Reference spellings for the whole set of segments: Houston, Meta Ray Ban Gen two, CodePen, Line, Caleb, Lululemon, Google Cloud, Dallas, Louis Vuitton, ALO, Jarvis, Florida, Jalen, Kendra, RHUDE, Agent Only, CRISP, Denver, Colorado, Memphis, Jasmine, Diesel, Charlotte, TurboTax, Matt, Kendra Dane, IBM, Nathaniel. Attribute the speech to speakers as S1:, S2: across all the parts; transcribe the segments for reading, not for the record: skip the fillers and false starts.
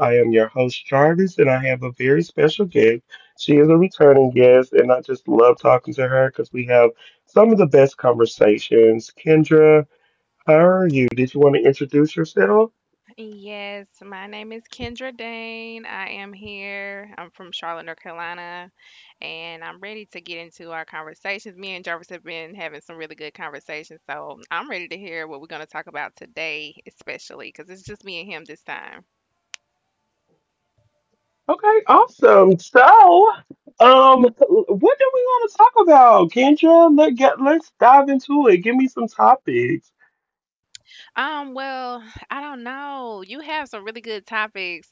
S1: I am your host, Jarvis, and I have a very special guest. She is a returning guest, and I just love talking to her because we have some of the best conversations. Kendra, how are you? Did you want to introduce yourself?
S2: Yes, my name is Kendra Dane. I am here. I'm from Charlotte, North Carolina, and I'm ready to get into our conversations. Me and Jarvis have been having some really good conversations, so I'm ready to hear what we're going to talk about today, especially because it's just me and him this time.
S1: Okay, awesome. So, what do we want to talk about, Kendra? Let's dive into it. Give me some topics.
S2: Well, I don't know. You have some really good topics.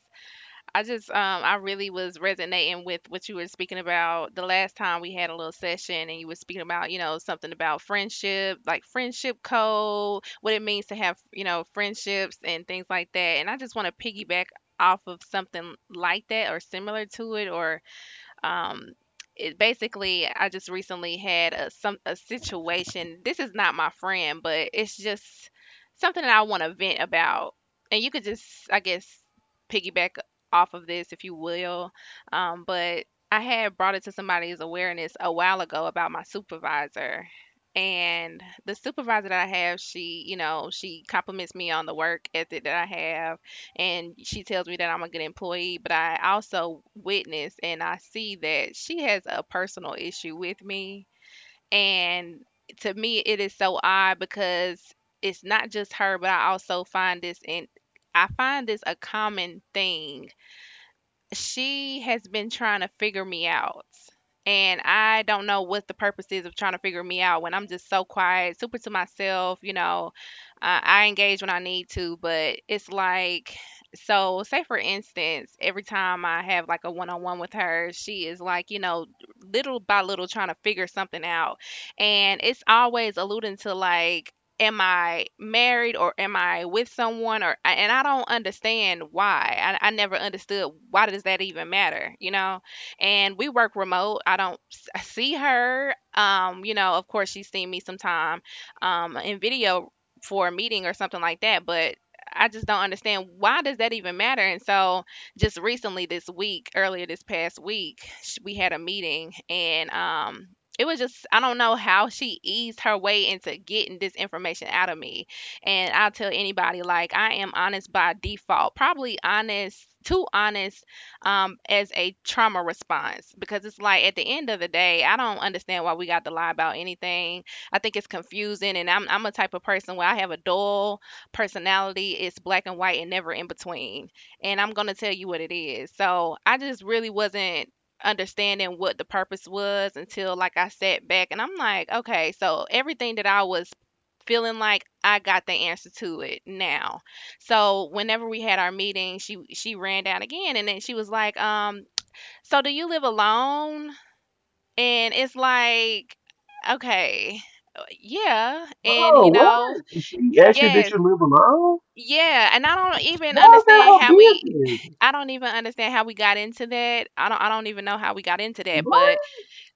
S2: I really was resonating with what you were speaking about the last time we had a little session and you were speaking about something about friendship, like friendship code, what it means to have friendships and things like that. And I just want to piggyback off of something like that or similar to it or um, it basically, I just recently had a situation. This is not my friend, but it's just something that I want to vent about. And you could just, I guess, piggyback off of this if you will. But I had brought it to somebody's awareness a while ago about my supervisor. And the supervisor that I have, she compliments me on the work ethic that I have, and she tells me that I'm a good employee, but I also witness and I see that she has a personal issue with me. And to me, it is so odd because it's not just her, but I also find this a common thing. She has been trying to figure me out, and I don't know what the purpose is of trying to figure me out when I'm just so quiet, super to myself. You know, I engage when I need to. But it's like, so say for instance, every time I have like a one on one with her, she is like, you know, little by little trying to figure something out. And it's always alluding to like, am I married or am I with someone, or and I don't understand why. I never understood, why does that even matter, you know? And we work remote. I don't see her. Of course she's seen me sometime in video for a meeting or something like that, but I just don't understand, why does that even matter? And so just recently this week, earlier this past week, we had a meeting, and it was just, I don't know how she eased her way into getting this information out of me. And I'll tell anybody, like, I am honest by default, probably honest, too honest, as a trauma response, because it's like at the end of the day, I don't understand why we got to lie about anything. I think it's confusing, and I'm a type of person where I have a dull personality. It's black and white and never in between, and I'm going to tell you what it is. So I just really wasn't understanding what the purpose was until, like, I sat back and I'm like, okay, so everything that I was feeling, like, I got the answer to it now. So whenever we had our meeting, she ran down again, and then she was like, so do you live alone? And it's like, okay, yeah, and
S1: Oh,
S2: you know,
S1: what? She asked you that
S2: yes,
S1: you live alone?
S2: yeah, and I don't even
S1: Why is that
S2: understand
S1: her
S2: how we
S1: business?
S2: I don't even understand how we got into that. I don't even know how we got into that.
S1: What?
S2: But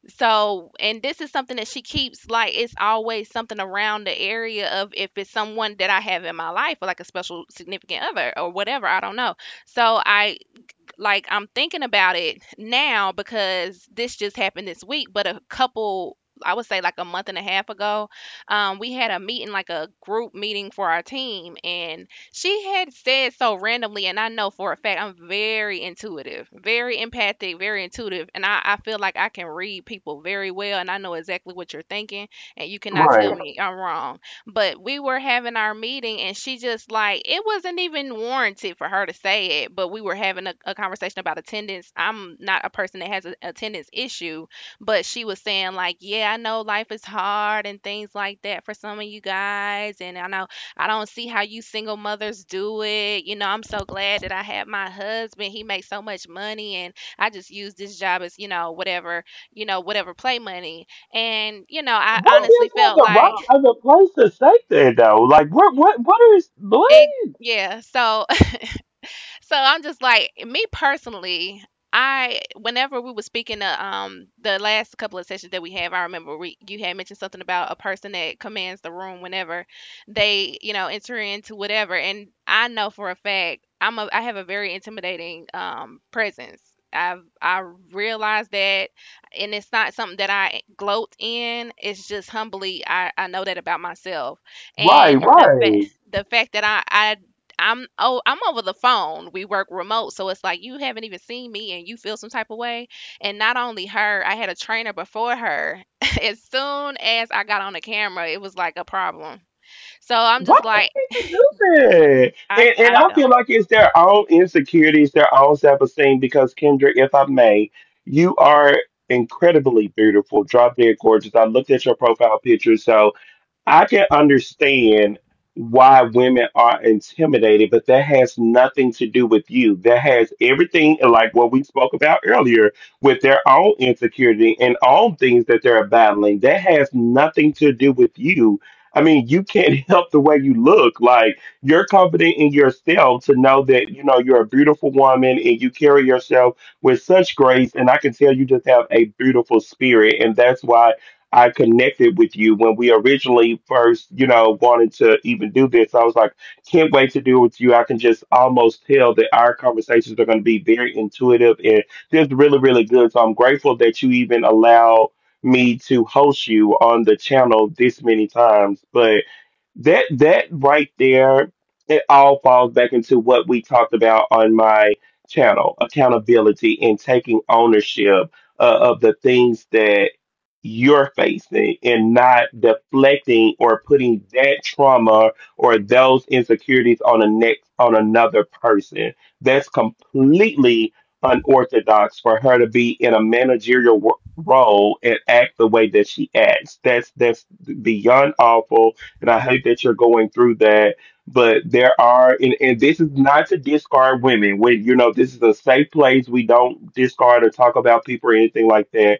S2: so, and this is something that she keeps, like, it's always something around the area of if it's someone that I have in my life or like a special significant other or whatever, I don't know. So, I'm thinking about it now because this just happened this week, but a couple, I would say like a month and a half ago, we had a meeting, like a group meeting for our team, and she had said so randomly, and I know for a fact, I'm very intuitive, very empathic, very intuitive, and I feel like I can read people very well, and I know exactly what you're thinking, and you cannot tell
S1: Right.
S2: me I'm wrong. But we were having our meeting, and she just, like, it wasn't even warranted for her to say it. But we were having a conversation about attendance. I'm not a person that has an attendance issue, but she was saying like, "Yeah, I know life is hard and things like that for some of you guys, and I know I don't see how you single mothers do it. You know, I'm so glad that I have my husband. He makes so much money, and I just use this job as, you know, whatever, you know, whatever, play money." And you know, I
S1: What
S2: honestly
S1: gives her
S2: felt
S1: the
S2: like
S1: right of the place to say that though? Like what is what?
S2: it, yeah. So I'm just like, me personally, I whenever we were speaking the last couple of sessions that we have, I remember we you had mentioned something about a person that commands the room whenever they, you know, enter into whatever, and I know for a fact, I have a very intimidating presence. I realize that, and it's not something that I gloat in. It's just humbly, I know that about myself.
S1: Right,
S2: And the fact
S1: right.
S2: the fact that I'm over the phone, we work remote, so it's like you haven't even seen me and you feel some type of way. And not only her, I had a trainer before her. As soon as I got on the camera, it was like a problem. So I'm
S1: Why
S2: just
S1: did
S2: like,
S1: she can do that?
S2: I
S1: And
S2: I
S1: I feel
S2: don't.
S1: like it's their own insecurities, their own self esteem because Kendra, if I may, you are incredibly beautiful, drop dead gorgeous. I looked at your profile picture, so I can understand why women are intimidated, but that has nothing to do with you. That has everything, like what we spoke about earlier, with their own insecurity and own things that they're battling. That has nothing to do with you. I mean, you can't help the way you look. Like, you're confident in yourself to know that, you're a beautiful woman and you carry yourself with such grace. And I can tell you just have a beautiful spirit. And that's why I connected with you when we originally first, wanted to even do this. I was like, can't wait to do it with you. I can just almost tell that our conversations are going to be very intuitive and just really, really good. So I'm grateful that you even allowed me to host you on the channel this many times. But that right there, it all falls back into what we talked about on my channel, accountability and taking ownership of the things that you're facing and not deflecting or putting that trauma or those insecurities on a next on another person. That's completely unorthodox for her to be in a managerial role and act the way that she acts. That's beyond awful and I hate that you're going through that. But there are and, this is not to discard women. When you know this is a safe place. We don't discard or talk about people or anything like that,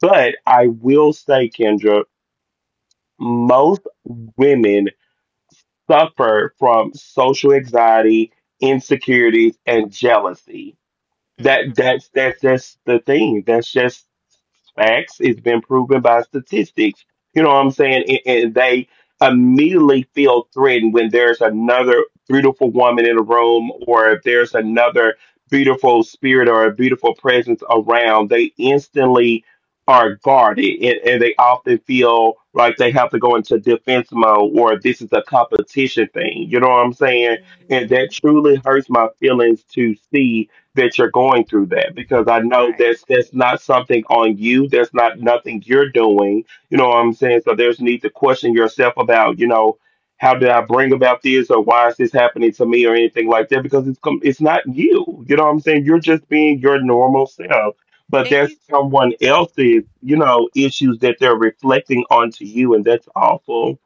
S1: but I will say, Kendra, most women suffer from social anxiety, insecurities, and jealousy. That
S2: Hmm.
S1: that's that's that's the thing. That's just facts. It's been proven by statistics. You know what I'm saying? And they immediately feel threatened when there's another beautiful woman in a room or if there's another beautiful spirit or a beautiful presence around. They instantly are guarded and they often feel like they have to go into defense mode or this is a competition thing. You know what I'm saying? And that
S2: Hmm.
S1: truly hurts my feelings to see that you're going through that because I know
S2: Right.
S1: that's not something on you. That's not nothing you're doing. You know what I'm saying? So there's need to question yourself about, how did I bring about this or why is this happening to me or anything like that? Because it's it's not you. You know what I'm saying? You're just being your normal self. But
S2: And
S1: there's
S2: you
S1: someone else's, issues that they're reflecting onto you and that's awful.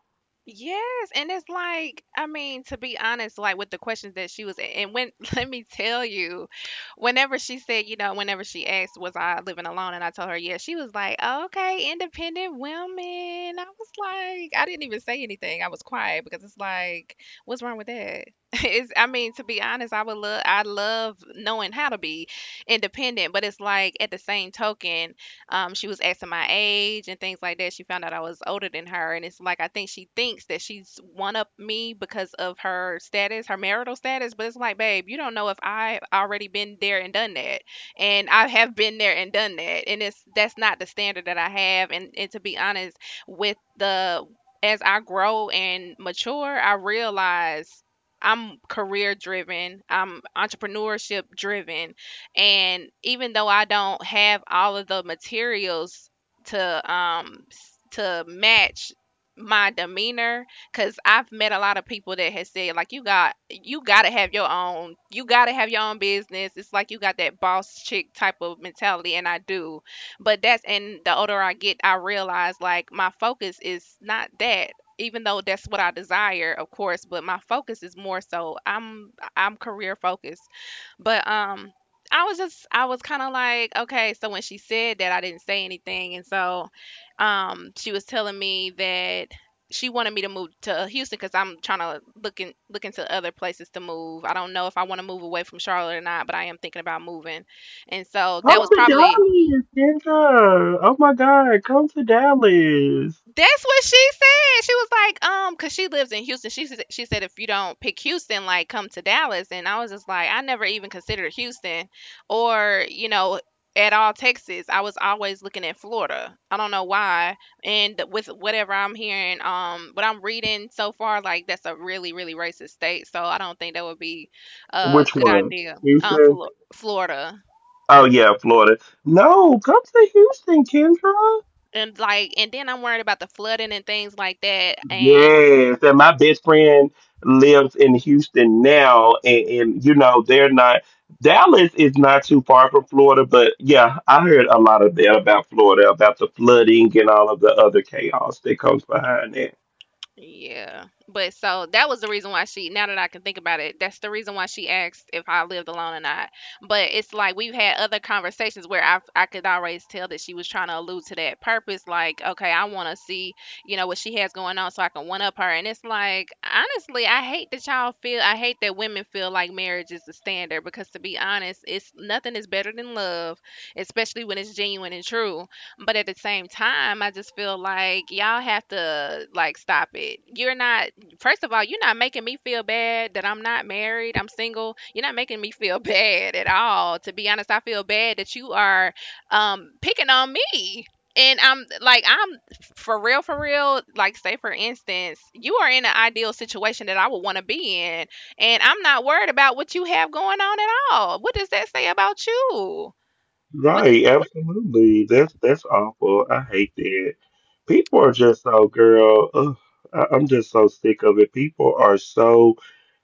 S2: Yes, and it's like, I mean, to be honest, like with the questions that she was, and when, let me tell you, whenever she said, you know, whenever she asked, was I living alone? And I told her, yeah, she was like, "Oh, okay, independent women." I was like, I didn't even say anything. I was quiet because it's like, what's wrong with that? It's, I mean, to be honest, I would love, I love knowing how to be independent, but it's like at the same token, she was asking my age and things like that. She found out I was older than her, and it's like I think she thinks that she's one up me because of her status, her marital status. But it's like, babe, you don't know if I've already been there and done that, and I have been there and done that, and it's that's not the standard that I have. And to be honest, with the as I grow and mature, I realize I'm career driven. I'm entrepreneurship driven. And even though I don't have all of the materials to match my demeanor, because I've met a lot of people that has said like, you gotta have your own, you gotta have your own business, it's like you got that boss chick type of mentality, and I do, but that's and the older I get, I realize, like, my focus is not that, even though that's what I desire, of course, but my focus is more so, I'm career focused. But I was kind of like, okay, so when she said that, I didn't say anything. And so she was telling me that she wanted me to move to Houston, cuz I'm trying to look into other places to move. I don't know if I want to move away from Charlotte or not, but I am thinking about moving. And so
S1: Come
S2: that was
S1: to
S2: probably,
S1: Dallas, Kendra. Oh my God, come to Dallas.
S2: that's what she said. She was like, cause she lives in Houston. She said, if you don't pick Houston, like come to Dallas. And I was just like, I never even considered Houston, or, you know, at all, Texas. I was always looking at Florida. I don't know why. And with whatever I'm hearing, what I'm reading so far, like, that's a really, really racist state. So I don't think that would be a
S1: Which
S2: good
S1: one?
S2: idea.
S1: Houston?
S2: Florida.
S1: Oh yeah, Florida. No, come to Houston, Kendra.
S2: And, like, and then I'm worried about the flooding and things like that. And
S1: Yes, and my best friend lives in Houston now, and, you know they're not. Dallas is not too far from Florida, but yeah, I heard a lot of that about Florida, about the flooding and all of the other chaos that comes behind it.
S2: yeah. But so that was the reason why she, now that I can think about it, that's the reason why she asked if I lived alone or not. But it's like we've had other conversations where I could always tell that she was trying to allude to that purpose. Like, okay, I want to see, you know, what she has going on so I can one up her. And it's like, honestly, I hate that y'all feel, I hate that women feel like marriage is the standard, because to be honest, it's, nothing is better than love, especially when it's genuine and true. But at the same time, I just feel like y'all have to, like, stop it. You're not First of all, you're not making me feel bad that I'm not married, I'm single. You're not making me feel bad at all. To be honest, I feel bad that you are picking on me. And I'm like, I'm for real, like, say for instance, you are in an ideal situation that I would want to be in, and I'm not worried about what you have going on at all. What does that say about you? What does
S1: Right, absolutely. That's awful. I hate that. People are just so girl. Ugh, I'm just so sick of it. People are so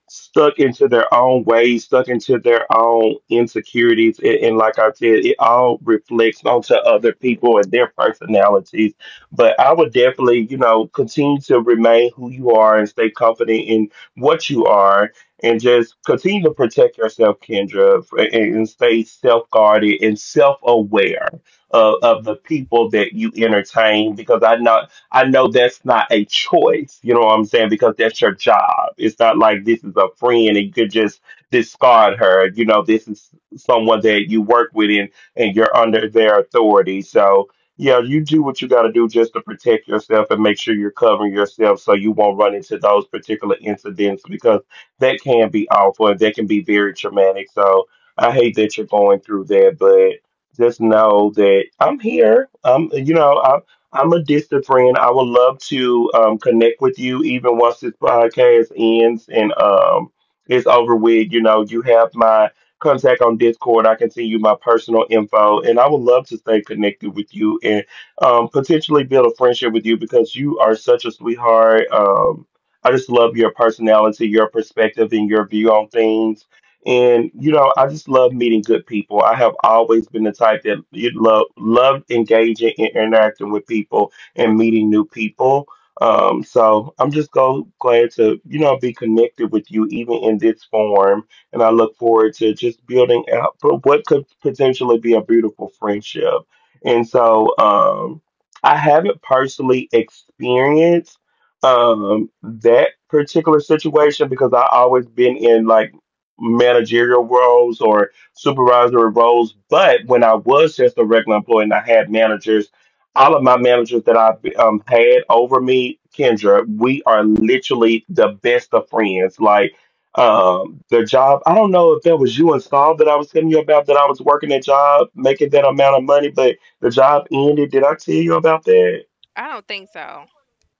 S1: stuck into their own ways, stuck into their own insecurities. And like I said, it all reflects onto other people and their personalities. But I would definitely, continue to remain who you are and stay confident in what you are and just continue to protect yourself, Kendra, and stay self guarded and self aware. Of,
S2: Mm,
S1: of the people that you entertain because I know that's not a choice. You know what I'm saying? Because that's your job. It's not like this is a friend and you could just discard her. You know, this is someone that you work with and, you're under their authority. So, yeah, you do what you got to do just to protect yourself and make sure you're covering yourself so you won't run into those particular incidents because that can be awful and that can be very traumatic. So, I hate that you're going through that, but just know that I'm here. You know, I'm a distant friend. I would love to connect with you even once this podcast ends and it's over with. You know, you have my contact on Discord. I can send you my personal info, and I would love to stay connected with you and potentially build a friendship with you because you are such a sweetheart. I just love your personality, your perspective, and your view on things and I just love meeting good people. I have always been the type that you loved engaging and interacting with people and meeting new people. So I'm just go glad to you know be connected with you even in this form, and I look forward to just building out for what could potentially be a beautiful friendship. And so I haven't personally experienced that particular situation because I always been in like managerial roles or supervisory roles. But when I was just a regular employee and I had managers, all of my managers that I've had over me, Kendra, we are literally the best of friends. Like the job, I don't know if that was you and Saul that I was telling you about that I was working a job, making that amount of money, but the job ended. Did I tell you about that?
S2: I don't think so.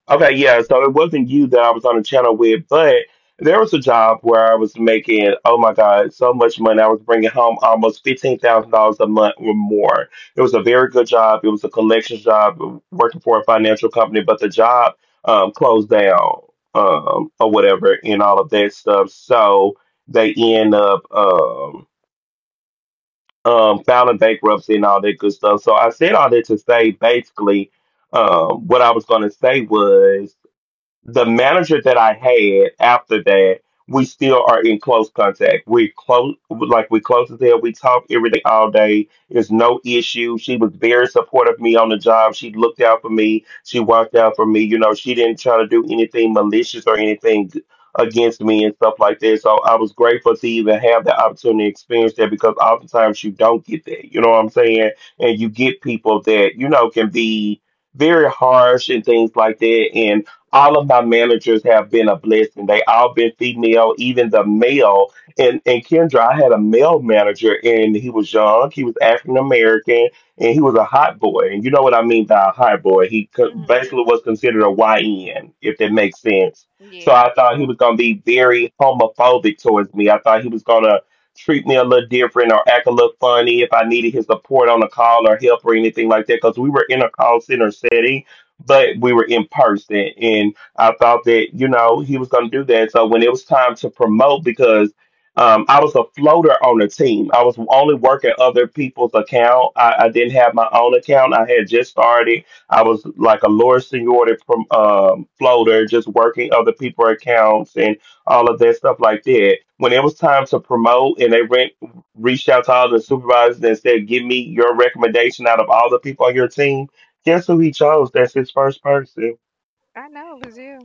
S1: Okay, yeah. So it wasn't you that I was on the channel with, but there was a job where I was making, oh my God, so much money. I was bringing home almost $15,000 a month or more. It was a very good job. It was a collections job working for a financial company, but the job closed down or whatever and all of that stuff. So they end up filing bankruptcy and all that good stuff. So I said all that to say basically what I was going to say was the manager that I had after that, we still are in close contact. We close, like we close as hell. We talk every day, all day. There's no issue. She was very supportive of me on the job. She looked out for me. She watched out for me. You know, she didn't try to do anything malicious or anything against me and stuff like that. So I was grateful to even have the opportunity to experience that because oftentimes you don't get that. You know what I'm saying? And you get people that you know can be very harsh and things like that. And all of my managers have been a blessing. They all been female, even the male. And Kendra, I had a male manager, and he was young. He was African American, and he was a hot boy. And you know what I mean by a hot boy? He
S2: Hmm.
S1: basically was considered a YN, if that makes sense. So
S2: Yeah,
S1: I thought he was gonna be very homophobic towards me. I thought he was gonna treat me a little different or act a little funny if I needed his support on a call or help or anything like that. Because we were in a call center setting, but we were in person and I thought that you know he was going to do that, so when it was time to promote because I was a floater on the team, I was only working other people's account, I didn't have my own account, I had just started, I was like a lower seniority from floater just working other people's accounts and all of that stuff like that, when it was time to promote and they reached out to all the supervisors and said give me your recommendation out of all the people on your team. Guess who he chose? That's his first person.
S2: I know, it was you.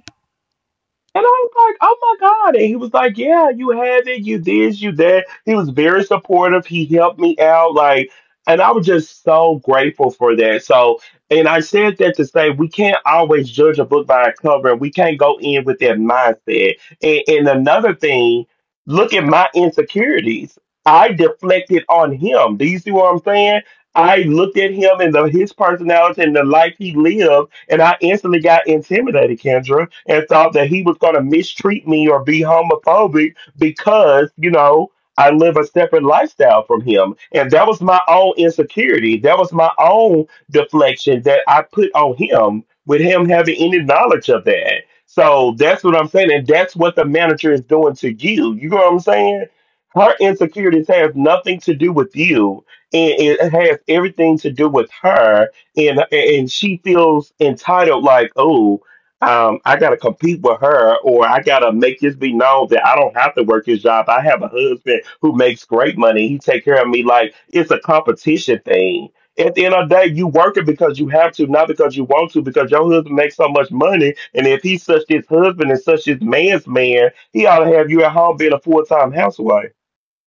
S1: And I was like, oh my God. And he was like, yeah, you have it. You this, you that. He was very supportive. He helped me out. Like, and I was just so grateful for that. So, and I said that to say we can't always judge a book by a cover and we can't go in with that mindset. And another thing, look at my insecurities. I deflected on him. Do you see what I'm saying? I looked at him and his personality and the life he lived and I instantly got intimidated, Kendra, and thought that he was going to mistreat me or be homophobic because, I live a separate lifestyle from him. And that was my own insecurity. That was my own deflection that I put on him with him having any knowledge of that. So that's what I'm saying. And that's what the manager is doing to you. You know what I'm saying? Her insecurities have nothing to do with you. And it has everything to do with her, and she feels entitled, like, oh, I gotta compete with her, or I gotta make this be known that I don't have to work his job. I have a husband who makes great money. He take care of me. Like, it's a competition thing. At the end of the day, you working because you have to, not because you want to, because your husband makes so much money. And if he's such his husband and such his man's man, he ought to have you at home being a full-time housewife.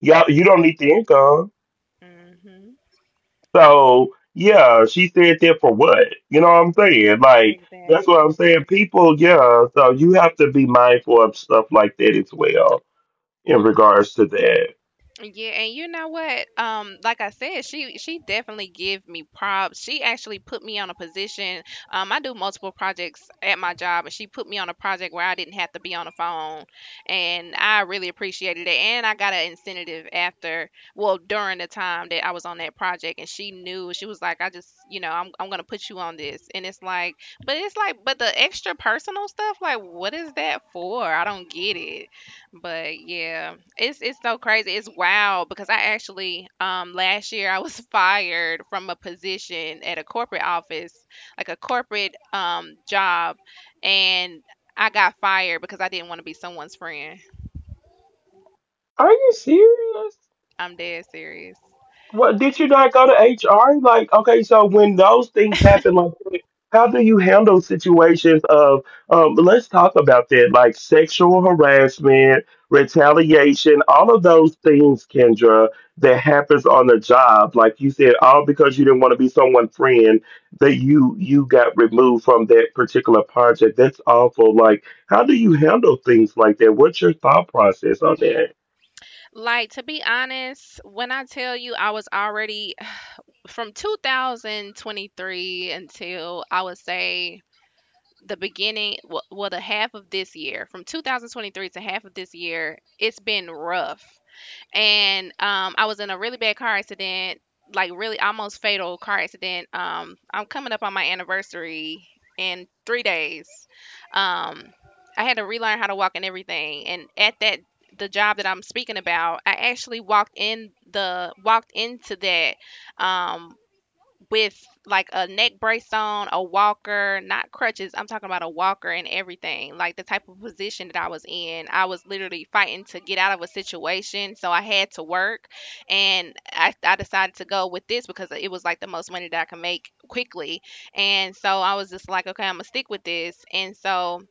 S1: Y'all, you don't need the income,
S2: Mm-hmm.
S1: so yeah, she said that for what? You know what I'm saying? Like, that's what
S2: Exactly.
S1: I'm saying. People, yeah. So you have to be mindful of stuff like that as well in regards to that.
S2: Yeah, and you know what? Like I said, she definitely give me props. She actually put me on a position. I do multiple projects at my job, and she put me on a project where I didn't have to be on the phone, and I really appreciated it. And I got an incentive well, during the time that I was on that project, and she knew. She was like, I just, I'm gonna put you on this, and it's like, but the extra personal stuff, like, what is that for? I don't get it. But yeah, it's so crazy. It's wild because I actually last year I was fired from a position at a corporate office, like a corporate job, and I got fired because I didn't want to be someone's friend.
S1: Are you serious?
S2: I'm dead serious.
S1: Well, did you not go to HR? Like, okay, so when those things happen, like, how do you handle situations of, let's talk about that, like sexual harassment, retaliation, all of those things, Kendra, that happens on the job. Like you said, all because you didn't want to be someone's friend, that you got removed from that particular project. That's awful. Like, how do you handle things like that? What's your thought process on that?
S2: Like, to be honest, when I tell you I was already from 2023 until I would say the beginning well, well the half of this year, from 2023 to half of this year, it's been rough. And I was in a really bad car accident, like, really almost fatal car accident. I'm coming up on my anniversary in 3 days. Um, I had to relearn how to walk and everything, and at that the job that I'm speaking about, I actually walked in the walked into that um, with, like, a neck brace on, a walker, not crutches. I'm talking about a walker and everything. Like, the type of position that I was in, I was literally fighting to get out of a situation. So I had to work, and I decided to go with this because it was, like, the most money that I could make quickly. And so I was just like, okay, I'm gonna stick with this. And so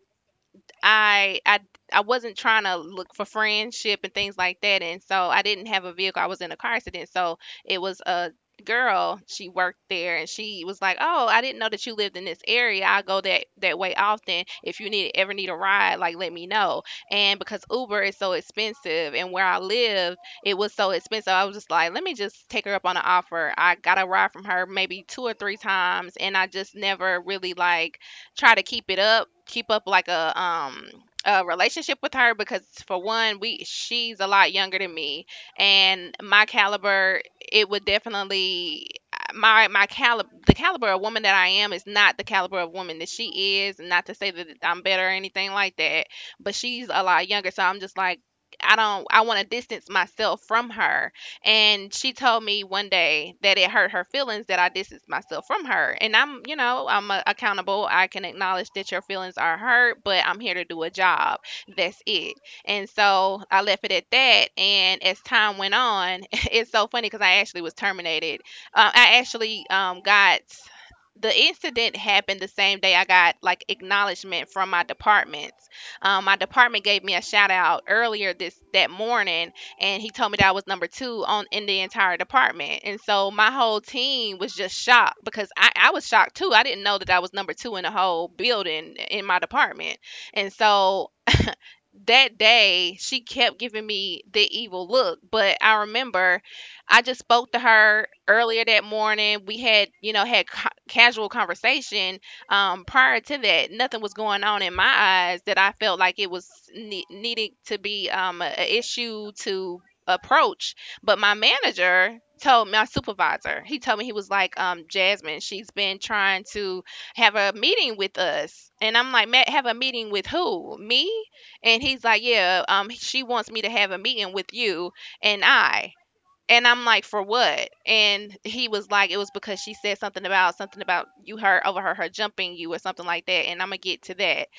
S2: I I I wasn't trying to look for friendship and things like that, and so I didn't have a vehicle. I was in a car accident, so it was a girl. She worked there, and she was like, "Oh, I didn't know that you lived in this area. I go that way often. If you need ever need a ride, like, let me know." And because Uber is so expensive, and where I lived, it was so expensive, I was just like, "Let me just take her up on an offer." I got a ride from her maybe two or three times, and I just never really, like, try to keep up, like, a relationship with her, because for one, we she's a lot younger than me, and my caliber it would definitely my my caliber the caliber of woman that I am is not the caliber of woman that she is, not to say that I'm better or anything like that, but she's a lot younger, so I'm just like, I don't I want to distance myself from her. And she told me one day that it hurt her feelings that I distanced myself from her. And I'm accountable. I can acknowledge that your feelings are hurt, but I'm here to do a job. That's it. And so I left it at that. And as time went on, it's so funny because I actually was terminated. I actually, got the incident happened the same day I got, like, acknowledgement from my department. My department gave me a shout out earlier this that morning, and he told me that I was number two on in the entire department. And so my whole team was just shocked, because I was shocked too. I didn't know that I was number two in the whole building in my department. And so that day, she kept giving me the evil look. But I remember I just spoke to her earlier that morning. We had you know had ca- casual conversation prior to that. Nothing was going on in my eyes that I felt, like, it was needing to be an issue to approach. But my manager told my supervisor, he told me, he was like, Jasmine, she's been trying to have a meeting with us. And I'm like, Matt, have a meeting with who, me? And he's like, yeah, she wants me to have a meeting with you and I. And I'm like, for what? And he was like, it was because she said something about you heard overheard her jumping you or something like that. And I'm gonna get to that.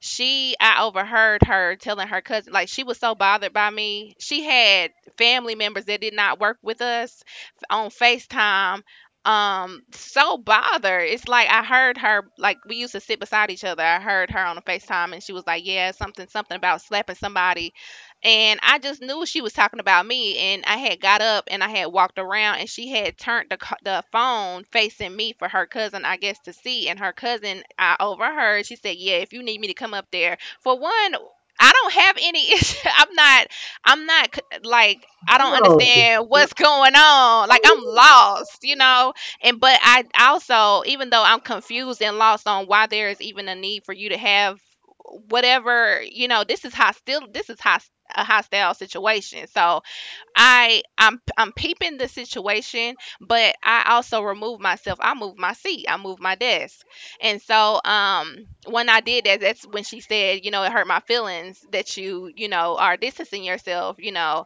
S2: I overheard her telling her cousin, like, she was so bothered by me. She had family members that did not work with us on FaceTime. So bothered. It's like I heard her, like, we used to sit beside each other. I heard her on the FaceTime, and she was like, yeah, something about slapping somebody, and I just knew she was talking about me. And I had got up, and I had walked around, and she had turned the phone facing me for her cousin, I guess, to see. And her cousin, I overheard, she said, "Yeah, if you need me to come up there, for one." I don't have any issue. I'm not, like, I don't
S1: Oh,
S2: understand what's going on. Like, I'm lost, you know? And, but I also, even though I'm confused and lost on why there is even a need for you to have whatever. You know, this is hostile. This is hostility. A hostile situation. So I'm peeping the situation, but I also remove myself. I move my seat. I move my desk. And so when I did that, that's when she said, it hurt my feelings that you, are distancing yourself,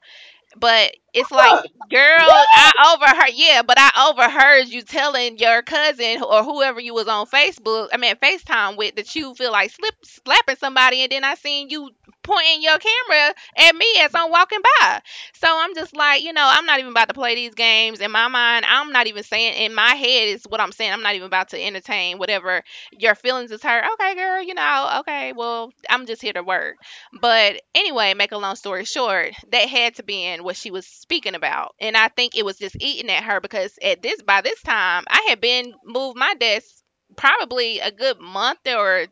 S2: but it's like, girl, I overheard. Yeah, but I overheard you telling your cousin or whoever you was on Facebook, I mean, FaceTime with, that you feel like slip slapping somebody, and then I seen you pointing your camera at me as I'm walking by. So I'm just like, I'm not even about to play these games in my mind. I'm not even saying, in my head is what I'm saying, I'm not even about to entertain whatever, your feelings is hurt. Okay, girl, okay, well, I'm just here to work. But anyway, make a long story short, that had to be in what she was speaking about. And I think it was just eating at her, because at this by this time, I had been moved my desk probably a good month, or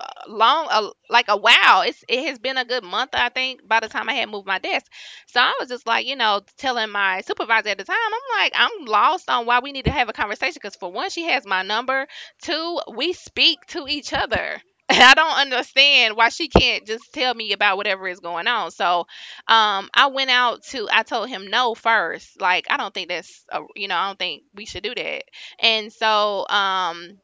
S2: long, like, a while. It's it has been a good month, I think, by the time I had moved my desk. So I was just like, telling my supervisor at the time, I'm like, I'm lost on why we need to have a conversation, because for one, she has my number, two, we speak to each other. I don't understand why she can't just tell me about whatever is going on. So, I went out to, I told him no first. Like, I don't think we should do that. And so,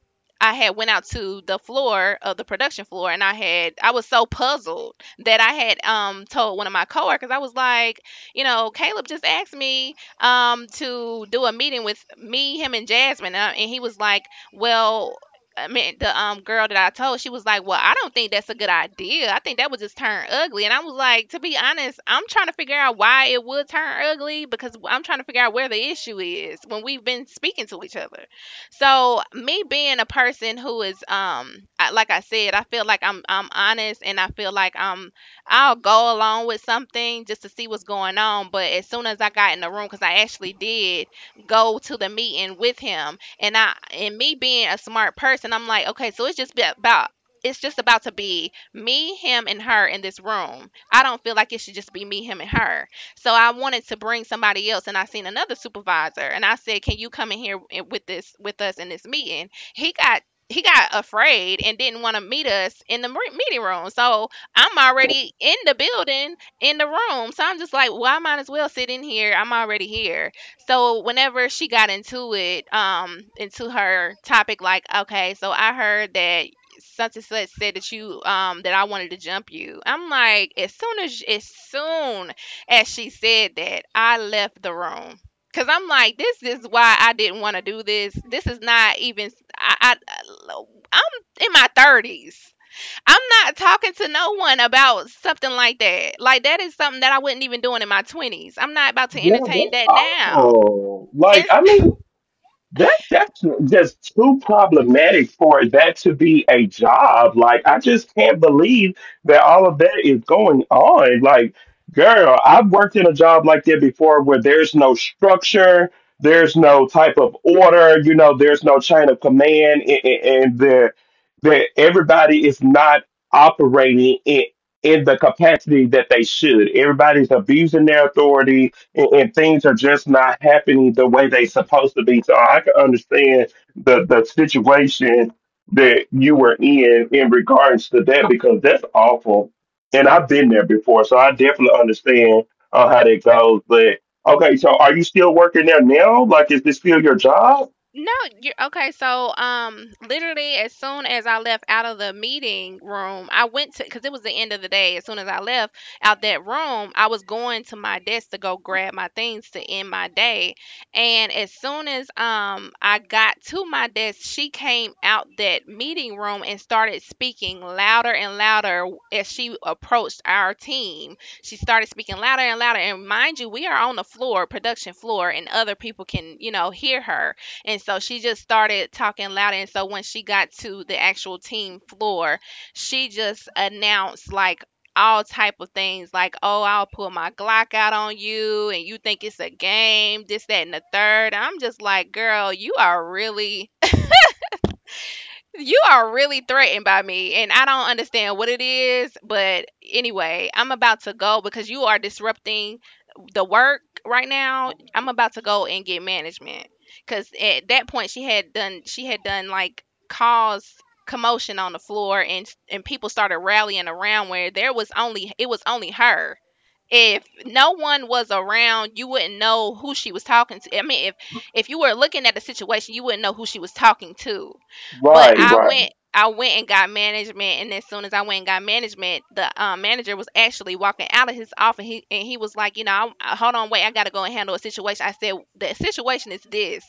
S2: I had went out to the floor of the production floor, and I was so puzzled that I had, told one of my coworkers, I was like, Caleb just asked me, to do a meeting with me, him, and Jasmine, and he was like, well, I mean, the girl that I told, she was like, "Well, I don't think that's a good idea. "I think that would just turn ugly." And I was like, "To be honest, I'm trying to figure out why it would turn ugly, because I'm trying to figure out where the issue is when we've been speaking to each other." So, me being a person who is like I said, I feel like I'm honest, and I feel like I'll go along with something just to see what's going on. But as soon as I got in the room, cuz I actually did go to the meeting with him, and I and me being a smart person, I'm like, okay, so it's just about to be me, him, and her in this room. I don't feel like it should just be me, him, and her. So I wanted to bring somebody else, and I seen another supervisor, and I said, "Can you come in here with this with us in this meeting?" He got he got afraid and didn't want to meet us in the meeting room. So I'm already in the building, in the room. So I'm just like, well, I might as well sit in here. I'm already here. So whenever she got into it, into her topic, like, okay, so I heard that such and such said that you that I wanted to jump you. I'm like, as soon as she said that, I left the room, because I'm like, this is why I didn't want to do this. This is not even I, I I'm in my 30s. I'm not talking to no one about something like that. Like, that is something that I wouldn't even doing in my twenties. I'm not about to
S1: yeah,
S2: entertain
S1: that's
S2: that now.
S1: awful. Like,
S2: It's
S1: I mean, that's just too problematic for that to be a job. Like, I just can't believe that all of that is going on. Like, girl, I've worked in a job like that before where there's no structure, there's no type of order, you know, there's no chain of command, and the that everybody is not operating in the capacity that they should. Everybody's abusing their authority, and, things are just not happening the way they supposed to be. So I can understand the situation that you were in regards to that, because that's awful. And I've been there before, so I definitely understand how that goes. But okay, so are you still working there now? Like, is this still your job?
S2: no, you're okay. So, literally, as soon as I left out of the meeting room, I went to, because it was the end of the day. As soon as I left out that room, I was going to my desk to go grab my things to end my day. And as soon as I got to my desk, she came out that meeting room and started speaking louder and louder as she approached our team. She started speaking louder and louder. And mind you, we are on the floor, production floor, and other people can, you know, hear her. And so she just started talking louder. And so when she got to the actual team floor, she just announced like all type of things, like, oh, I'll pull my Glock out on you and you think it's a game, this, that, and the third. I'm just like, girl, you are really, you are really threatened by me, and I don't understand what it is. But anyway, I'm about to go, because you are disrupting the work right now. I'm about to go and get management, because at that point she had done like caused commotion on the floor, and people started rallying around, where there was only, it was only her. If no one was around, you wouldn't know who she was talking to. I mean, if you were looking at the situation, you wouldn't know who she was talking to. But
S1: Right, right.
S2: I went and got management, and as soon as I went and got management, the manager was actually walking out of his office. He was like, you know, I, hold on, wait, I gotta go and handle a situation. I said, the situation is this.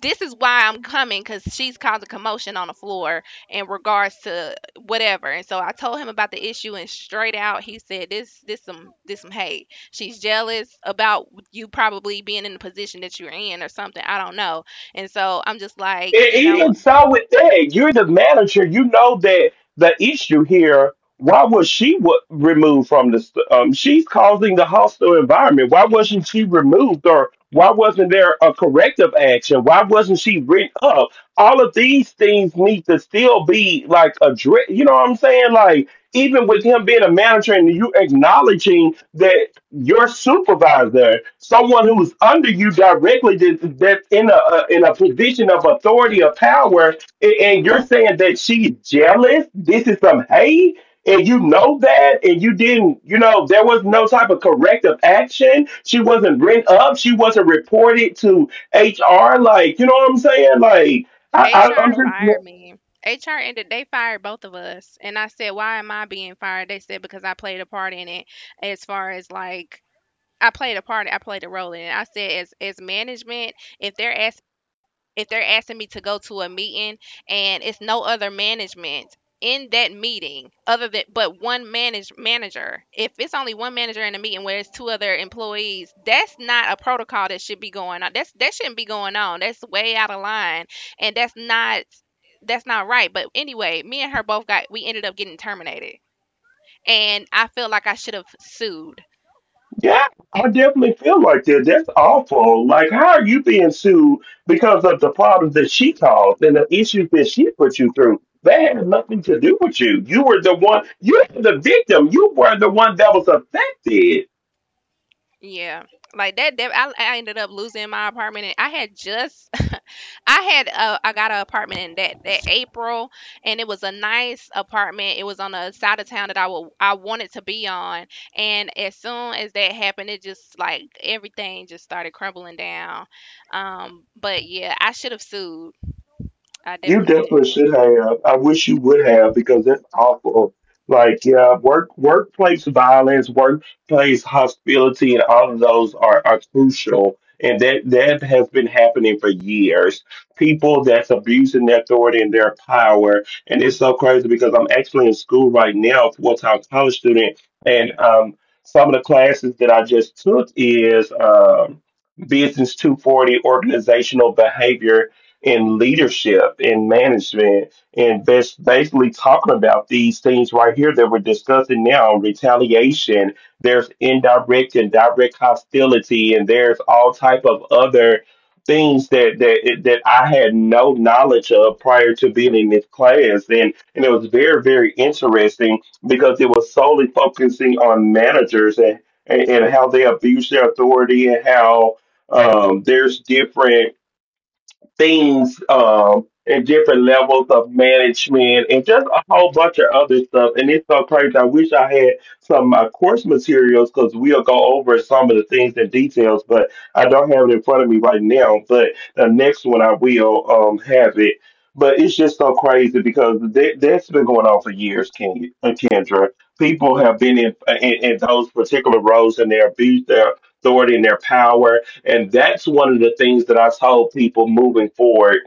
S2: This is why I'm coming, because she's causing commotion on the floor in regards to whatever. And so I told him about the issue, and straight out he said, this some hate. She's jealous about you probably being in the position that you're in or something. I don't know." And so I'm just like,
S1: E-
S2: you know,
S1: Even so, with that, you're the manager. You know that the issue here. Why was she removed from the? She's causing the hostile environment. Why wasn't she removed, or why wasn't there a corrective action? Why wasn't she written up? All of these things need to still be like addressed. You know what I'm saying? Like, even with him being a manager and you acknowledging that your supervisor, someone who's under you directly, that's in a in a position of authority or power, and you're saying that she's jealous. This is some hate. And you know that, and you didn't, you know, there was no type of corrective action. She wasn't bring up. She wasn't reported to HR. Like, you know what I'm saying? Like, I'm
S2: HR
S1: just,
S2: fired me. HR ended. They fired both of us, and I said, "Why am I being fired?" They said because I played a part in it. As far as like. I played a part. I played a role in it. I said, as management, if they're asking if they're asking me to go to a meeting and it's no other management in that meeting other than but one manager, if it's only one manager in a meeting where it's two other employees, that's not a protocol that should be going on. That's that shouldn't be going on. That's way out of line and that's not right. But anyway, me and her both got we ended up getting terminated, and I feel like I should have sued.
S1: yeah, I definitely feel like that. That's awful. Like, how are you being sued because of the problems that she caused and the issues that she put you through? That had nothing to do with you. You were the one, you were the victim. You were the one that was affected.
S2: Yeah. Like that, I ended up losing my apartment. And I had just, I had, I got an apartment in that, that April, and it was a nice apartment. It was on the side of town that I wanted to be on. And as soon as that happened, it just like everything just started crumbling down. But yeah, I should have sued. I
S1: You
S2: definitely should
S1: definitely
S2: have.
S1: should have. I wish you would have, because that's awful. Like, yeah, workplace violence, workplace hostility, and all of those are, crucial. And that has been happening for years. People that's abusing their authority and their power, and it's so crazy because I'm actually in school right now, full time college student, and some of the classes that I just took is business 240, organizational behavior in leadership, in management, and basically talking about these things right here that we're discussing now, retaliation. There's indirect and direct hostility, and there's all type of other things that I had no knowledge of prior to being in this class, and it was very, very interesting because it was solely focusing on managers and and how they abuse their authority, and how there's different things, and different levels of management, and just a whole bunch of other stuff. And it's so crazy. I wish I had some of my course materials because we'll go over some of the things and details, but I don't have it in front of me right now. But the next one I will have it. But it's just so crazy because that's been going on for years, Kendra. People have been in those particular roles and they abuse their authority and their power, and that's one of the things that I told people moving forward.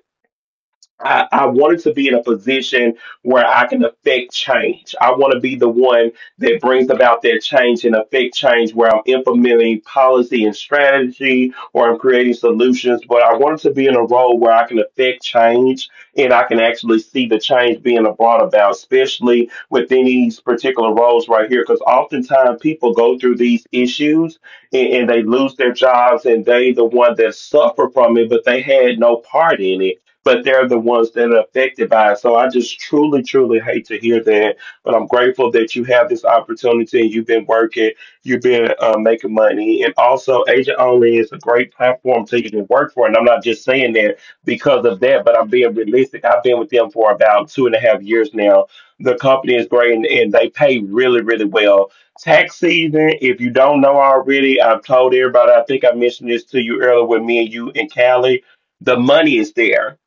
S1: I wanted to be in a position where I can affect change. I want to be the one that brings about that change and affect change where I'm implementing policy and strategy, or I'm creating solutions. But I wanted to be in a role where I can affect change and I can actually see the change being brought about, especially within these particular roles right here. Because oftentimes people go through these issues, and, they lose their jobs, and they the one that suffer from it, but they had no part in it, but they're the ones that are affected by it. So I just truly, truly hate to hear that. But I'm grateful that you have this opportunity and you've been working, you've been making money. And also, Agent Only is a great platform for you to work for. And I'm not just saying that because of that, but I'm being realistic. I've been with them for about two and a half years now. The company is great, and, they pay really, really well. Tax season, if you don't know already, I've told everybody, I think I mentioned this to you earlier with me and you and Callie, the money is there.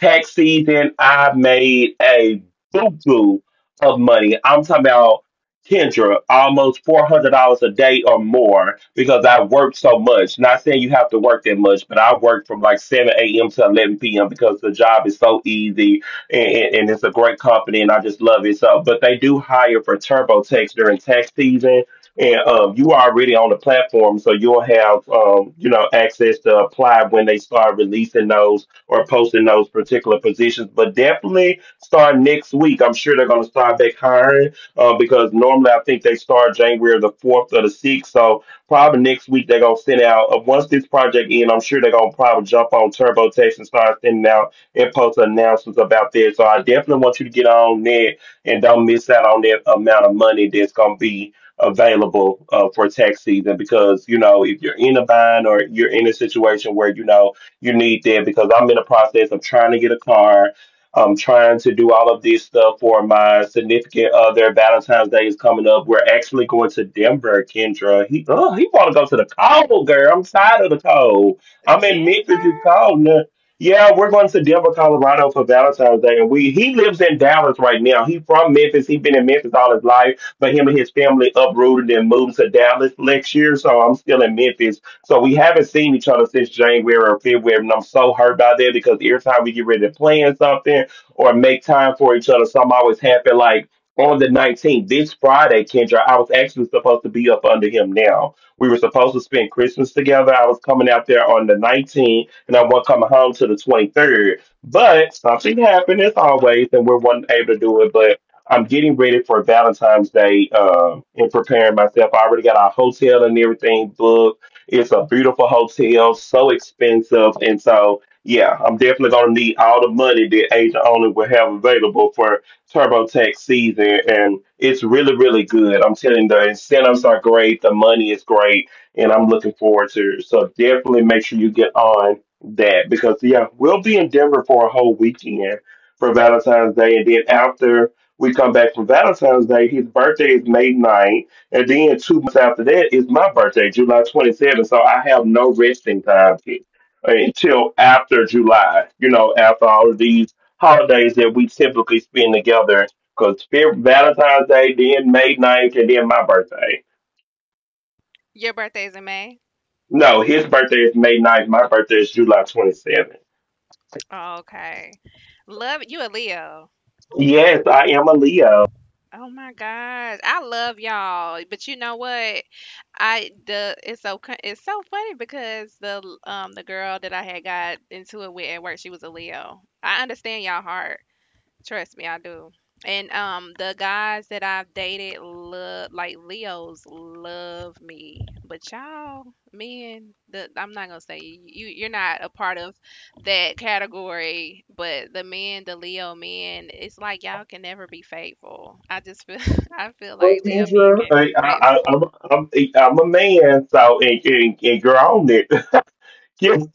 S1: Tax season, I made a boo boo of money. I'm talking about, Kendra, almost $400 a day or more because I worked so much. Not saying you have to work that much, but I worked from like seven a.m. to 11 p.m. because the job is so easy, and it's a great company, and I just love it. So, but they do hire for TurboTax during tax season. And you are already on the platform, so you'll have, you know, access to apply when they start releasing those or posting those particular positions. But definitely start next week. I'm sure they're going to start back hiring because normally I think they start January the 4th or the 6th. So probably next week they're going to send out, once this project ends, I'm sure they're going to probably jump on TurboTax and start sending out and post announcements about this. So I definitely want you to get on that and don't miss out on that amount of money that's going to be available for tax season, because you know if you're in a bind or you're in a situation where, you know, you need there, because I'm in the process of trying to get a car. I'm trying to do all of this stuff for my significant other. Valentine's Day is coming up. We're actually going to Denver, Kendra. He, oh, he want to go to the cold, girl. I'm tired of the cold. I'm in Memphis.
S2: Denver.
S1: It's cold now. Yeah, we're going to Denver, Colorado for Valentine's Day, and we he lives in Dallas right now. He from Memphis. He's been in Memphis all his life, but him and his family uprooted and moved to Dallas next year. So I'm still in Memphis, so we haven't seen each other since January or February, and I'm so hurt by that because every time we get ready to plan something or make time for each other, something always happen. Like on the 19th, this Friday, Kendra, I was actually supposed to be up under him. Now, we were supposed to spend Christmas together. I was coming out there on the 19th, and I wasn't coming home to the 23rd. But something happened as always, and we weren't able to do it. But I'm getting ready for Valentine's Day and preparing myself. I already got our hotel and everything booked. It's a beautiful hotel, so expensive. And so, yeah, I'm definitely going to need all the money that Agent Only will have available for TurboTax season. And it's really, really good. I'm telling you, the incentives are great, the money is great, and I'm looking forward to it. So, definitely make sure you get on that because, yeah, we'll be in Denver for a whole weekend for Valentine's Day. And then after we come back from Valentine's Day, his birthday is May 9th. And then 2 months after that is my birthday, July 27th. So I have no resting time here until after July, after all of these holidays that we typically spend together. Because Valentine's Day, then May 9th, and then my birthday.
S2: Your birthday's in May.
S1: No, his birthday is May 9th. My birthday is July 27th.
S2: Okay. Love you, a Leo.
S1: Yes, I am a Leo.
S2: Oh my gosh, I love y'all, but you know what? I the it's so it's so funny because the girl that I had got into it with at work, she was a Leo. I understand y'all heart. Trust me, I do. And the guys that I've dated love, like Leos love me, but y'all men, the I'm not gonna say you're not a part of that category, but the men, the Leo men, it's like y'all can never be faithful. I just feel I feel
S1: Well,
S2: like Leo men
S1: Kendra,
S2: can't be faithful.
S1: I'm, I'm a man, so, and girl, on it. Kendra.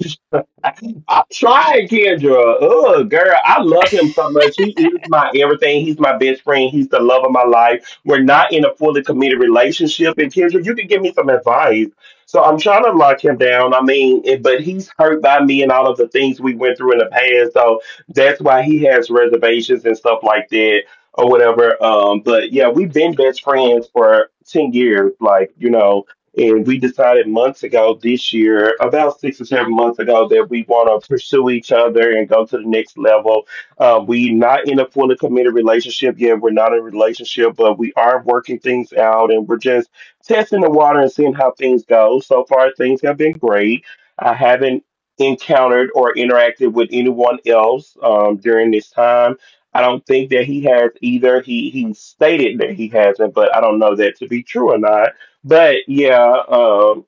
S1: I'm trying, Kendra. Oh, girl, I love him so much. He is my everything. He's my best friend. He's the love of my life. We're not in a fully committed relationship. And Kendra, you could give me some advice. So I'm trying to lock him down. I mean, but he's hurt by me and all of the things we went through in the past. So that's why he has reservations and stuff like that or whatever. But yeah, we've been best friends for 10 years. Like, and we decided months ago this year, about 6 or 7 months ago, that we want to pursue each other and go to the next level. We not in a fully committed relationship yet. We're not in a relationship, but we are working things out and we're just testing the water and seeing how things go. So far, things have been great. I haven't encountered or interacted with anyone else during this time. I don't think that he has either. He stated that he hasn't, but I don't know that to be true or not but yeah,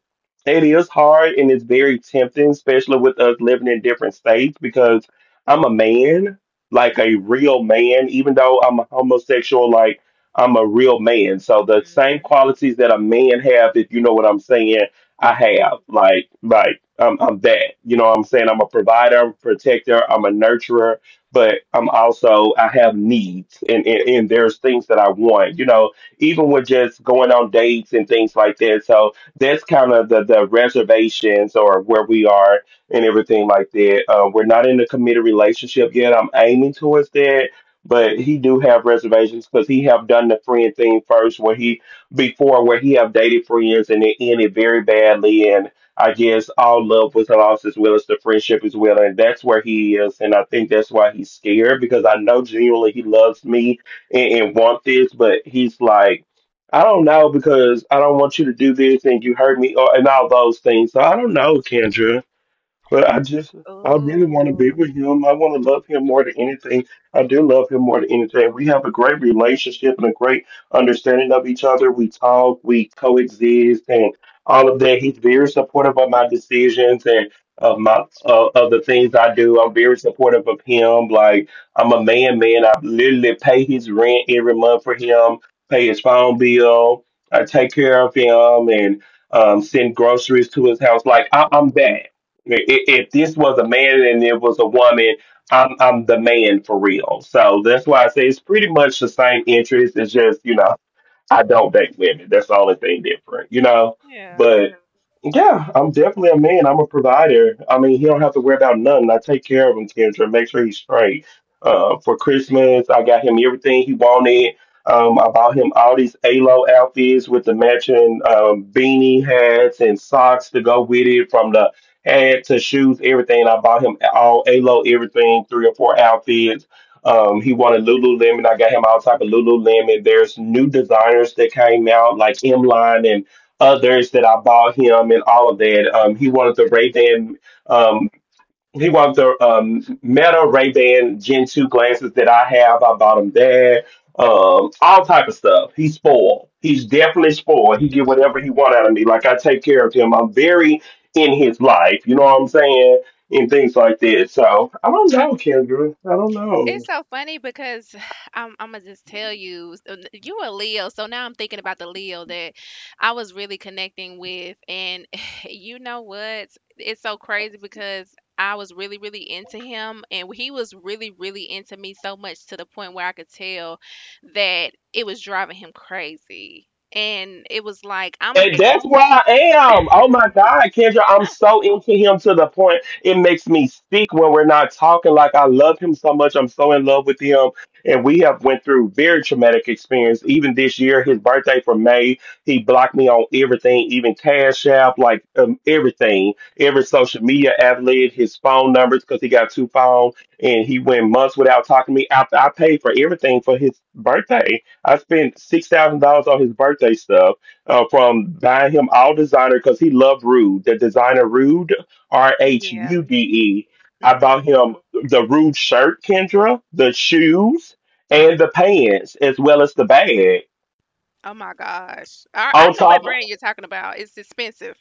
S1: it is hard and it's very tempting, especially with us living in different states, because I'm a man, like a
S2: Hmm.
S1: real man, even though I'm a homosexual, like I'm a real man. So the same
S2: Hmm.
S1: qualities that a man have, if you know what I'm saying, I
S2: Yeah.
S1: have. Like, I'm that. You know what I'm saying? I'm a provider, I'm a protector, I'm a nurturer, but I'm also I have needs and, and there's things that I want, even with just going on dates and things like that. So that's kind of the reservations or where we are and everything like that. We're not in a committed relationship yet. I'm aiming towards that. But he do have reservations because he have done the friend thing first, where he before where he have dated friends and it ended very badly, and I guess all love was lost as well as the friendship as well, and that's where he is, and I think that's why he's scared because I know genuinely he loves me, and want this, but he's like, I don't know because I don't want you to do this and you hurt me or, and all those things. So I don't know, Kendra. But I really want to be
S2: Ooh.
S1: with him. I want to love him more than anything. I do love him more than anything. We have a great relationship and a great understanding of each other. We talk, we coexist, and all of that. He's very supportive of my decisions and of the things I do. I'm very supportive of him. Like I'm a man, man. I literally pay his rent every month for him, pay his phone bill. I take care of him and send groceries to his house. Like I'm that. If this was a man and it was a woman, I'm the man for real. So that's why I say it's pretty much the same interest. It's just you know I don't date women. That's the only thing different. But yeah, I'm definitely a man. I'm a provider. I mean, he don't have to worry about nothing. I take care of him, Kendra. Make sure he's straight. For Christmas, I got him everything he wanted. I bought him all these ALO outfits with the matching beanie hats and socks to go with it, from the hat to shoes, everything. I bought him all ALO everything, three or four outfits. He wanted Lululemon. I got him all type of Lululemon. There's new designers that came out like Line and others that I bought him and all of that. He wanted the Ray Ban. Um, he wanted the Meta Ray Ban Gen 2 glasses that I have. I bought him that. All type of stuff. He's spoiled. He's definitely spoiled. He get whatever he want out of me. Like I take care of him. I'm very in his life. You know what I'm saying? And things like that. So I don't know, Kendra. I don't know.
S2: It's so funny because I'm Imma just tell you, so n you a Leo, so now I'm thinking about the Leo that I was really connecting with, and you know what? It's so crazy because I was really, really into him, and he was really, really into me, so much to the point where I could tell that it was driving him crazy, and it was like, I'm
S1: And
S2: con
S1: that's where I am. Oh my God, Kendra, I'm
S2: ah,
S1: so into him to the point it makes me speak when we're not talking. Like I love him so much. I'm so in love with him. And we have went through very traumatic experience. Even this year, his birthday from May, he blocked me on everything, even Cash App, like everything, every social media outlet, his phone numbers, because he got two phones. And he went months without talking to me after I paid for everything for his birthday. I spent $6,000 on his birthday stuff from buying him all designer because he loved Rude, the designer Rude, R H
S2: yeah,
S1: U D E. I bought
S2: mhm.
S1: him the Rude shirt, Kendra, the shoes, and the pants, as well as the bag.
S2: Oh my gosh. I
S1: On
S2: know what
S1: top,
S2: brand you're talking about, it's expensive.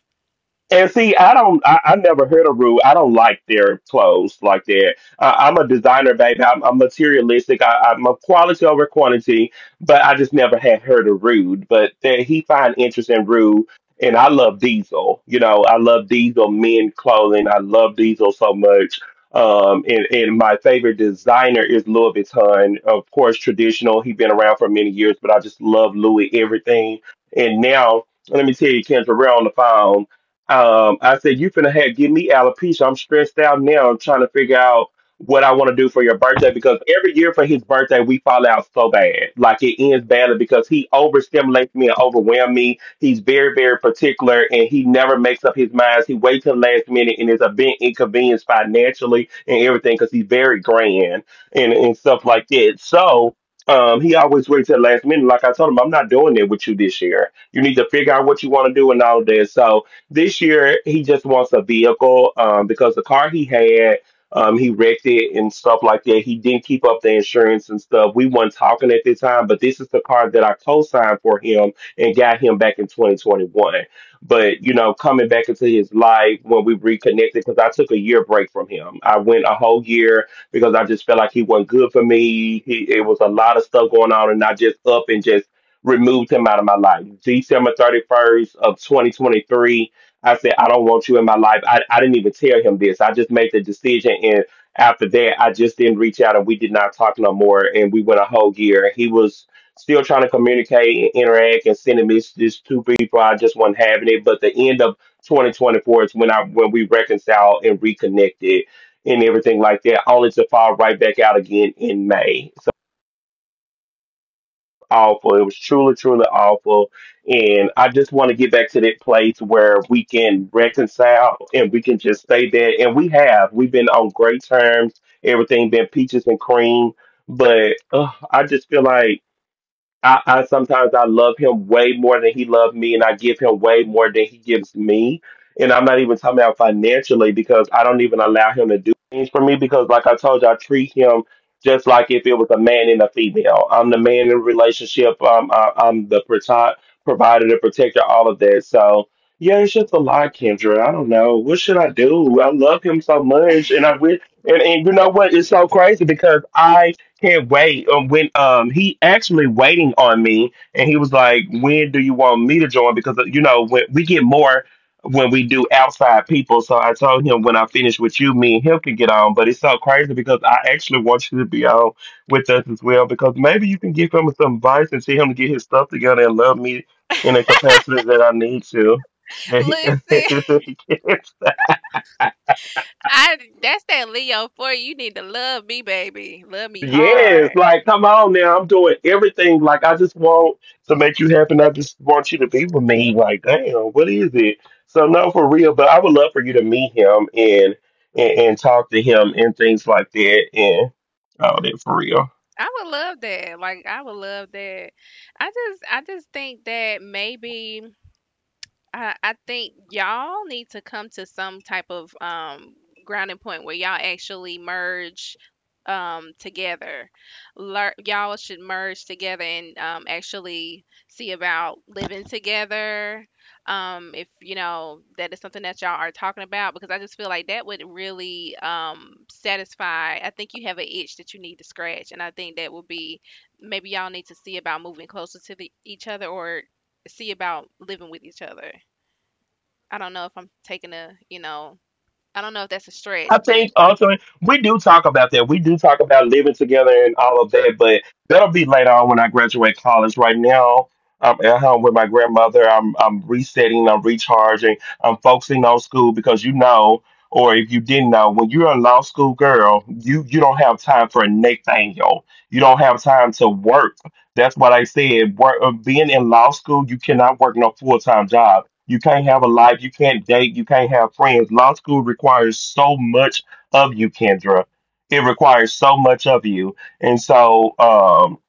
S1: and see, I don't, I never heard of Rue. I don't like their clothes like that. I'm a designer, baby. I'm materialistic. I'm a quality over quantity, but I just never had heard of Rude. But there, he find interest in Rue, and I love Diesel. You know, I love Diesel men clothing. I love Diesel so much. And my favorite designer is Louis Vuitton. Of course, traditional. He's been around for many years, but I just love Louis everything. And now, let me tell you, Kendra, we're on the phone I said, you finna have, give me alopecia. I'm stressed out now. I'm trying to figure out what I want to do for your birthday because every year for his birthday, we fall out so bad. Like it ends badly because he overstimulates me and overwhelms me. He's very, very particular and he never makes up his mind. He waits till the last minute and is a bit inconvenienced financially and everything because he's very grand and stuff like that. So, he always waits till the last minute. Like I told him, I'm not doing it with you this year. You need to figure out what you want to do and all that. So, this year, he just wants a vehicle because the car he had, he wrecked it and stuff like that. He didn't keep up the insurance and stuff. We weren't talking at the time, but this is the car that I co-signed for him and got him back in 2021. But you know, coming back into his life when we reconnected, because I took a year break from him. I went a whole year because I just felt like he wasn't good for me. It was a lot of stuff going on, and I just up and just removed him out of my life. December 31st of 2023, I said, I don't want you in my life. I didn't even tell him this. I just made the decision. And after that, I just didn't reach out and we did not talk no more. And we went a whole year. And he was still trying to communicate and interact and sending messages to people. I just wasn't having it. But the end of 2024 is when we reconciled and reconnected and everything like that, only to fall right back out again in May. So awful. It was truly, truly awful. And I just want to get back to that place where we can reconcile and we can just stay there. And we have. We've been on great terms. Everything been peaches and cream. But ugh, I just feel like I sometimes I love him way more than he loved me, and I give him way more than he gives me. And I'm not even talking about financially because I don't even allow him to do things for me because, like I told you, I treat him just like if it was a man and a female. I'm the man in the relationship. I'm the provider, the protector, all of that. So yeah, it's just a lot, Kendra. I don't know what should I do. I love him so much, and I wish. And you know what? It's so crazy because I can't wait. When he actually waiting on me, and he was like, "When do you want me to join?" Because you know when we get more when we do outside people. So I told him when I finish with you, me and him can get on. But it's so crazy because I actually want you to be on with us as well because maybe you can give him some advice and see him to get his stuff together and love me in a capacity that I need to. That he,
S2: Listen.
S1: he can't.
S2: I that's that Leo for you. You need to love me, baby. Love me
S1: Yes,
S2: hard.
S1: like come on now. I'm doing everything. Like I just want to make you happy. And I just want you to be with me. Like, damn, what is it? So no, for real. But I would love for you to meet him and talk to him and things like that. And all that for real.
S2: I would love that. Like I would love that. I just think that maybe I think y'all need to come to some type of grounding point where y'all actually merge together. Y'all should merge together and actually see about living together. If you know that is something that y'all are talking about, because I just feel like that would really satisfy. I think you have an itch that you need to scratch, and I think that would be, maybe y'all need to see about moving closer to each other, or see about living with each other. I don't know if I'm taking a, you know, I don't know if that's a
S1: I
S2: stretch, but
S1: think also we do talk about that. We do talk about living together and all of that, but that'll be later on when I graduate college. Right now, I'm at home with my grandmother. I'm resetting. I'm recharging. I'm focusing on school because you know, or if you didn't know, when you're a law school girl, you don't have time for Nathaniel. You don't have time to work. That's what I said. Work, being in law school, you cannot work no full time job. You can't have a life. You can't date. You can't have friends. Law school requires so much of you, Kendra. It requires so much of you. And so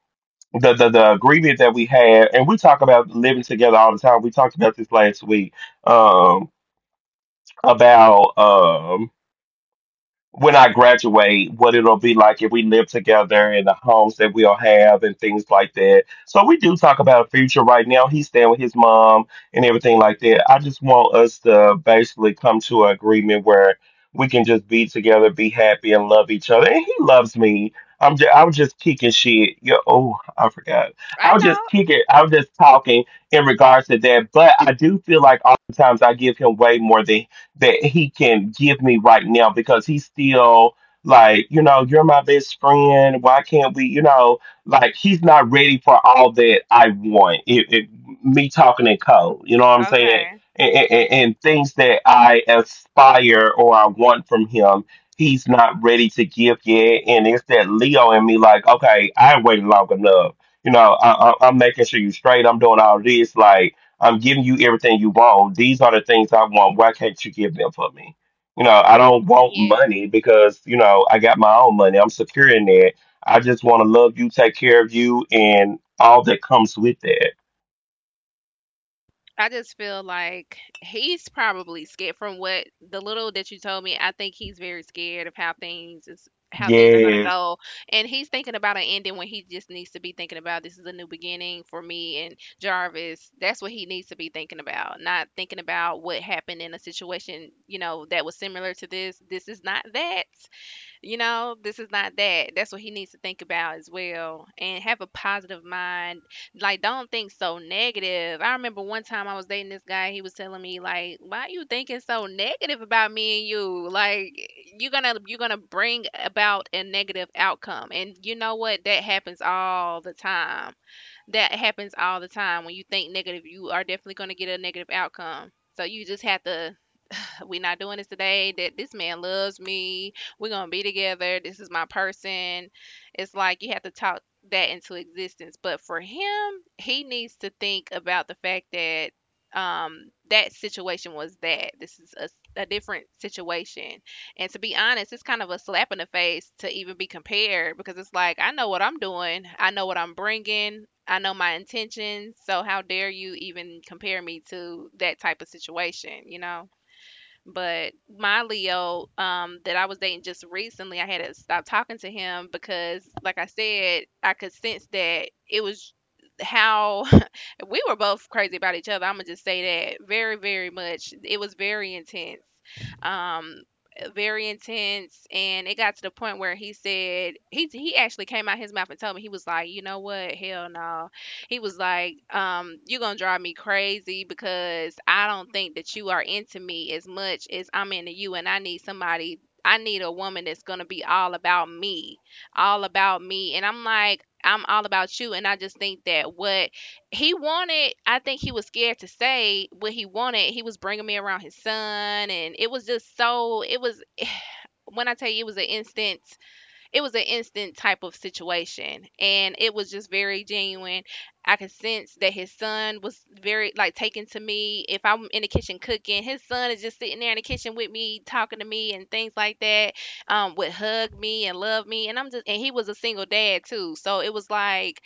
S1: the, the agreement that we had, and we talk about living together all the time. We talked about this last week um, about. When I graduate, what it'll be like if we live together and the homes that we'll have and things like that. So we do talk about a future right now. He's staying with his mom and everything like that. I just want us to basically come to an agreement where we can just be together, be happy, and love each other. And he loves me. I'm just, I was just kicking shit. Yo, oh, I forgot. I
S2: I
S1: was
S2: know.
S1: just kicking. I was just talking in regards to that. But I do feel like oftentimes I give him way more than that he can give me right now because he's still like, you know, you're my best friend. Why can't we, you know, like he's not ready for all that I want. It, me talking in code, you know what I'm saying?
S2: Okay.
S1: And, and,
S2: Okay.
S1: and things that I aspire or I want from him, he's not ready to give yet. And it's that Leo in me, like, okay, I waited long enough. You know, I'm making sure you straight. I'm doing all this. Like, I'm giving you everything you want. These are the things I want. Why can't you give them for me? You know, I don't want
S2: Yeah.
S1: money because, you know, I got my own money. I'm secure in that. I just want to love you, take care of you, and all that comes with that.
S2: I just feel like he's probably scared from what the little that you told me. I think he's very scared of how things is how things are going to
S1: Yes.
S2: go, and he's thinking about an ending when he just needs to be thinking about, this is a new beginning for me and Jarvis. That's what he needs to be thinking about, not thinking about what happened in a situation, you know, that was similar to this. This is not that. You know, this is not that. That's what he needs to think about as well, and have a positive mind. Like, don't think so negative. I remember one time I was dating this guy, he was telling me, like, why you thinking so negative about me and you? Like, you're gonna bring about a negative outcome. And you know what? That happens all the time. That happens all the time. When you think negative, you are definitely gonna get a negative outcome. So you just have to we not doing this today. That this man loves me. We're gonna be together. This is my person. It's like you have to talk that into existence. But for him, he needs to think about the fact that that situation was that this is a different situation, and to be honest, it's kind of a slap in the face to even be compared, because it's like, I know what I'm doing, I know what I'm bringing, I know my intentions, so how dare you even compare me to that type of situation. You know, but my Leo, that I was dating just recently, I had to stop talking to him because, like I said, I could sense that it was how we were both crazy about each other. I'm gonna just say that very, very much. It was um, very intense, and it got to the point where he said he actually came out his mouth and told me, he was like, you know what, hell no. He was like, you gonna drive me crazy, because I don't think that you are into me as much as I'm into you, and I need somebody. I need a woman that's gonna be all about me, all about me. And I'm like, I'm all about you, and I just think that what he wanted, I think he was scared to say what he wanted. He was bringing me around his son, and it was just so — it was, when I tell you, it was an instant type of situation. And it was just very genuine. I could sense that his son was very, like, taken to me. If I'm in the kitchen cooking, his son is just sitting there in the kitchen with me, talking to me and things like that, would hug me and love me, and I'm just — and he was a single dad too, so it was like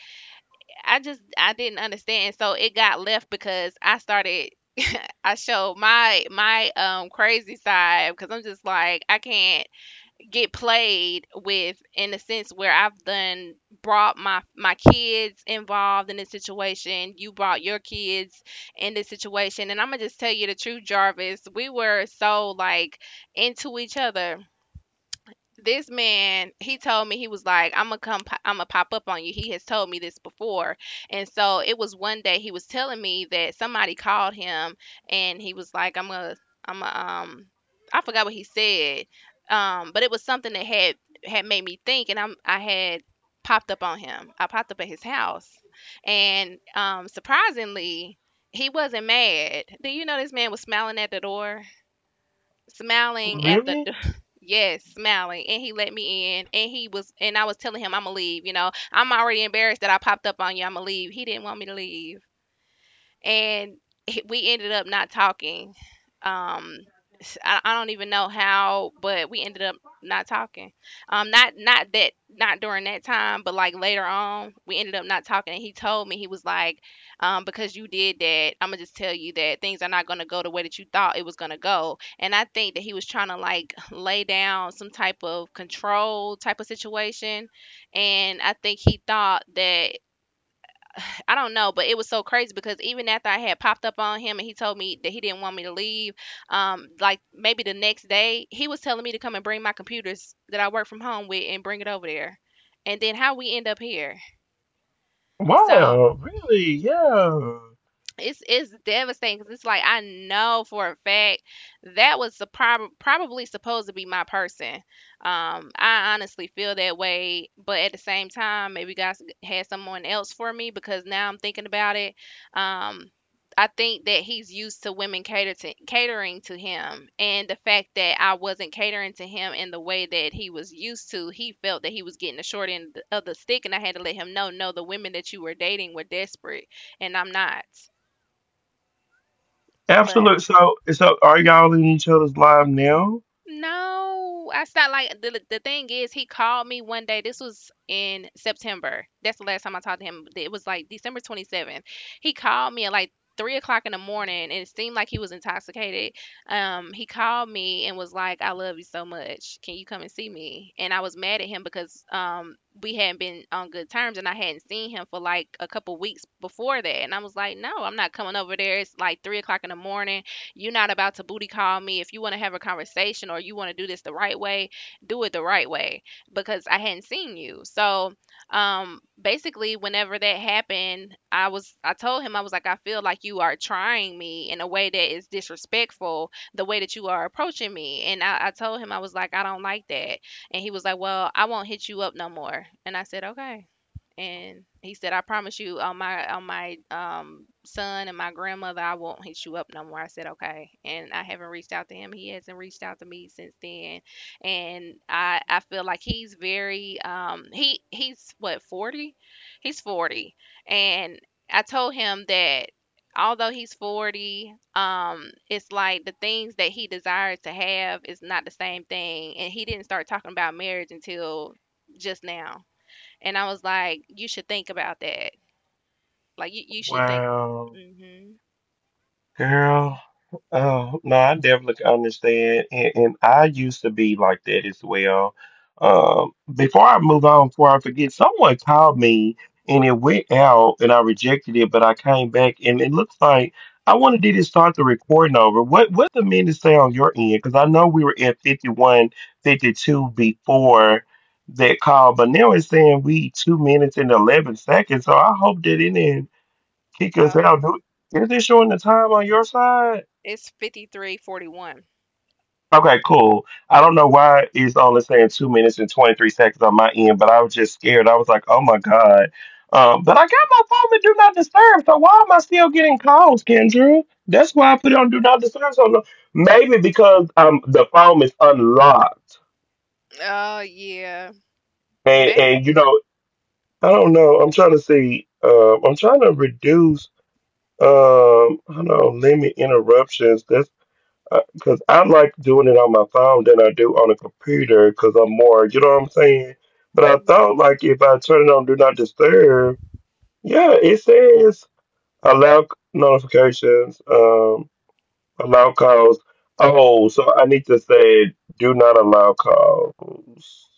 S2: I didn't understand. So it got left because I started I showed my crazy side, because I'm just like, I can't get played with in the sense where I've done brought my kids involved in this situation. You brought your kids in this situation, and I'm gonna just tell you the truth, Jarvis. We were so, like, into each other. This man, he told me, he was like, "I'm gonna come, I'm gonna pop up on you." He has told me this before, and so it was one day he was telling me that somebody called him, and he was like, "I'm gonna, I'm gonna, um, I forgot what he said, but it was something that had made me think," and I had popped up on him. I popped up at his house, and surprisingly, he wasn't mad. Do you know this man was smiling at the door? Smiling at the
S1: Really?
S2: yes, smiling. And he let me in, and he was and I was telling him, I'm gonna leave, I'm already embarrassed that I popped up on you, I'm gonna leave. He didn't want me to leave, and we ended up not talking. Um, I don't even know how, but we ended up not talking. Not that, not during that time, but, like, later on, we ended up not talking. And he told me, he was like, because you did that, I'm gonna just tell you that things are not gonna go the way that you thought it was gonna go. And I think that he was trying to, like, lay down some type of control type of situation, and I think he thought that, I don't know, but it was so crazy because even after I had popped up on him and he told me that he didn't want me to leave, like maybe the next day, he was telling me to come and bring my computers that I work from home with and bring it over there. And then how we end up here. So
S1: Wow, really? Yeah.
S2: it's devastating because it's like, I know for a fact that was the probably supposed to be my person. I honestly feel that way, but at the same time, maybe God had someone else for me, because now I'm thinking about it. Um, I think that he's used to women catering to him, and the fact that I wasn't catering to him in the way that he was used to, he felt that he was getting the short end of the stick, and I had to let him know, no, the women that you were dating were desperate, and I'm not. But
S1: Absolutely. So, so are y'all in each other's live now?
S2: no, I stopped. Like, the thing is, he called me one day. This was in September. That's the last time I talked to him. It was like December 27th. He called me at like 3 o'clock in the morning, and it seemed like he was intoxicated. He called me and was like, "I love you so much. Can you come and see me?" And I was mad at him because we hadn't been on good terms, and I hadn't seen him for like a couple weeks before that. And I was like, "No, I'm not coming over there. It's like 3 o'clock in the morning. You're not about to booty call me. If you want to have a conversation or you want to do this the right way, do it the right way, because I hadn't seen you." So basically, whenever that happened, I told him, I was like, I feel like you are trying me in a way that is disrespectful, the way that you are approaching me. And I told him, I was like, I don't like that. And he was like, well, I won't hit you up no more. And I said, "Okay." And he said, "I promise you, on my son and my grandmother, I won't hit you up no more." I said, "Okay," and I haven't reached out to him. He hasn't reached out to me since then, and I feel like he's very, he's what, 40. He's 40, and I told him that although he's 40, it's like, the things that he desires to have is not the same thing. And he didn't start talking about marriage until just now, and I was like, "You should think about that. Like, you should think."
S1: Wow,
S2: Mhm.
S1: girl. Oh, no, I definitely understand. And I used to be like that as well. Before I move on, before I forget, someone called me and it went out and I rejected it, but I came back and it looks like I wanted to just start the recording over. What the minutes say on your end? Because I know we were at 51, 52 before that call, but now it's saying we 2 minutes and 11 seconds. So I hope that it didn't kick us
S2: Oh
S1: out. Do,
S2: no.
S1: is it showing the time on your side?
S2: It's 5341.
S1: Okay, cool. I don't know why it's only saying 2 minutes and 23 seconds on my end, but I was just scared. I was like, oh my God. But I got my phone to do not disturb. So why am I still getting calls, Kendra? That's why I put it on do not disturb. So maybe because the phone is unlocked.
S2: Oh yeah.
S1: And you
S2: Maybe.
S1: know, I don't know. I'm trying to see. I'm trying to reduce I don't know, limit interruptions. That's because I like doing it on my phone than I do on a computer because I'm more, you know what I'm saying? But I
S2: Mm-hmm.
S1: thought like if I turn it on Do Not Disturb, yeah, it says allow notifications, allow calls. Oh, so I need to say do not allow calls.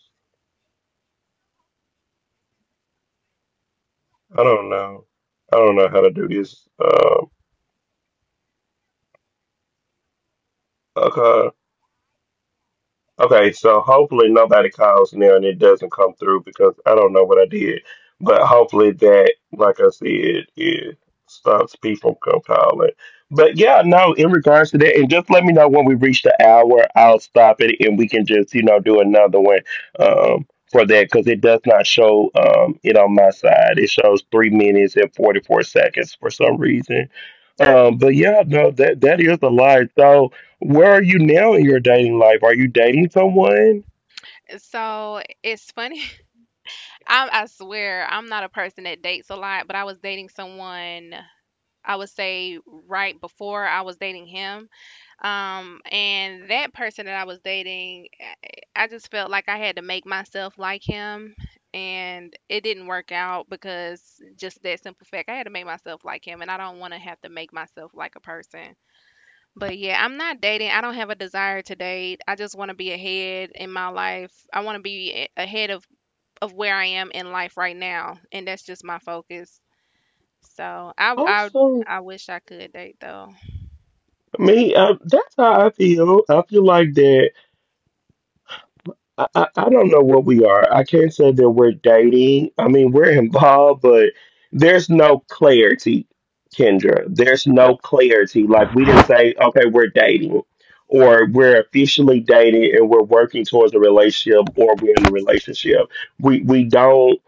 S1: I don't know. I don't know how to do this. Okay. Okay, so hopefully nobody calls now and it doesn't come through because I don't know what I did. But hopefully that, like I said, it stops people from calling. But yeah, no, in regards to that, and just let me know when we reach the hour, I'll stop it and we can just, you know, do another one for that because it does not show it on my side. It shows 3 minutes and 44 seconds for some reason. But yeah, no, that is a lie. So, where are you now in your dating life? Are you dating someone?
S2: So it's funny. I swear I'm not a person that dates a lot, but I was dating someone. I would say right before I was dating him. And that person that I was dating, I just felt like I had to make myself like him. And it didn't work out because, just that simple fact, I had to make myself like him. And I don't want to have to make myself like a person. But yeah, I'm not dating. I don't have a desire to date. I just want to be ahead in my life. I want to be ahead of where I am in life right now. And that's just my focus. So, I I
S1: Awesome.
S2: I wish I could date, though.
S1: Me, that's how I feel. I feel like that. I don't know what we are. I can't say that we're dating. I mean, we're involved, but there's no clarity, Kendra. There's no clarity. Like, we didn't say, okay, we're dating, or we're officially dating and we're working towards a relationship, or we're in a relationship. We don't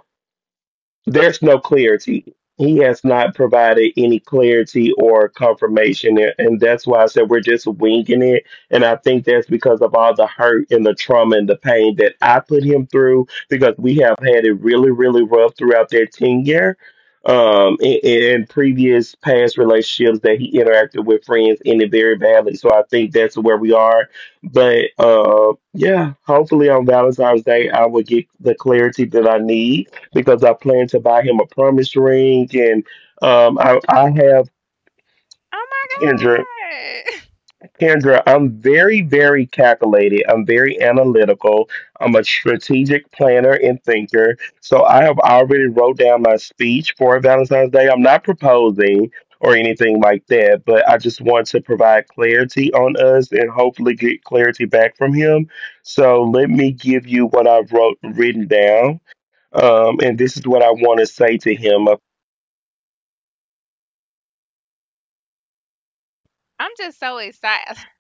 S1: there's no clarity. He has not provided any clarity or confirmation, and that's why I said we're just winging it. And I think that's because of all the hurt and the trauma and the pain that I put him through, because we have had it really, really rough throughout their tenure, in previous past relationships that he interacted with friends ended very badly. So I think that's where we are. But yeah, hopefully on Valentine's Day I will get the clarity that I need because I plan to buy him a promise ring. And I have
S2: Oh
S1: Kendra.
S2: my god!
S1: Kendra, I'm very, very calculated. I'm very analytical. I'm a strategic planner and thinker. So I have already wrote down my speech for Valentine's Day. I'm not proposing or anything like that, but I just want to provide clarity on us and hopefully get clarity back from him. So let me give you what I've wrote written down. And this is what I want to say to him.
S2: I'm just so excited.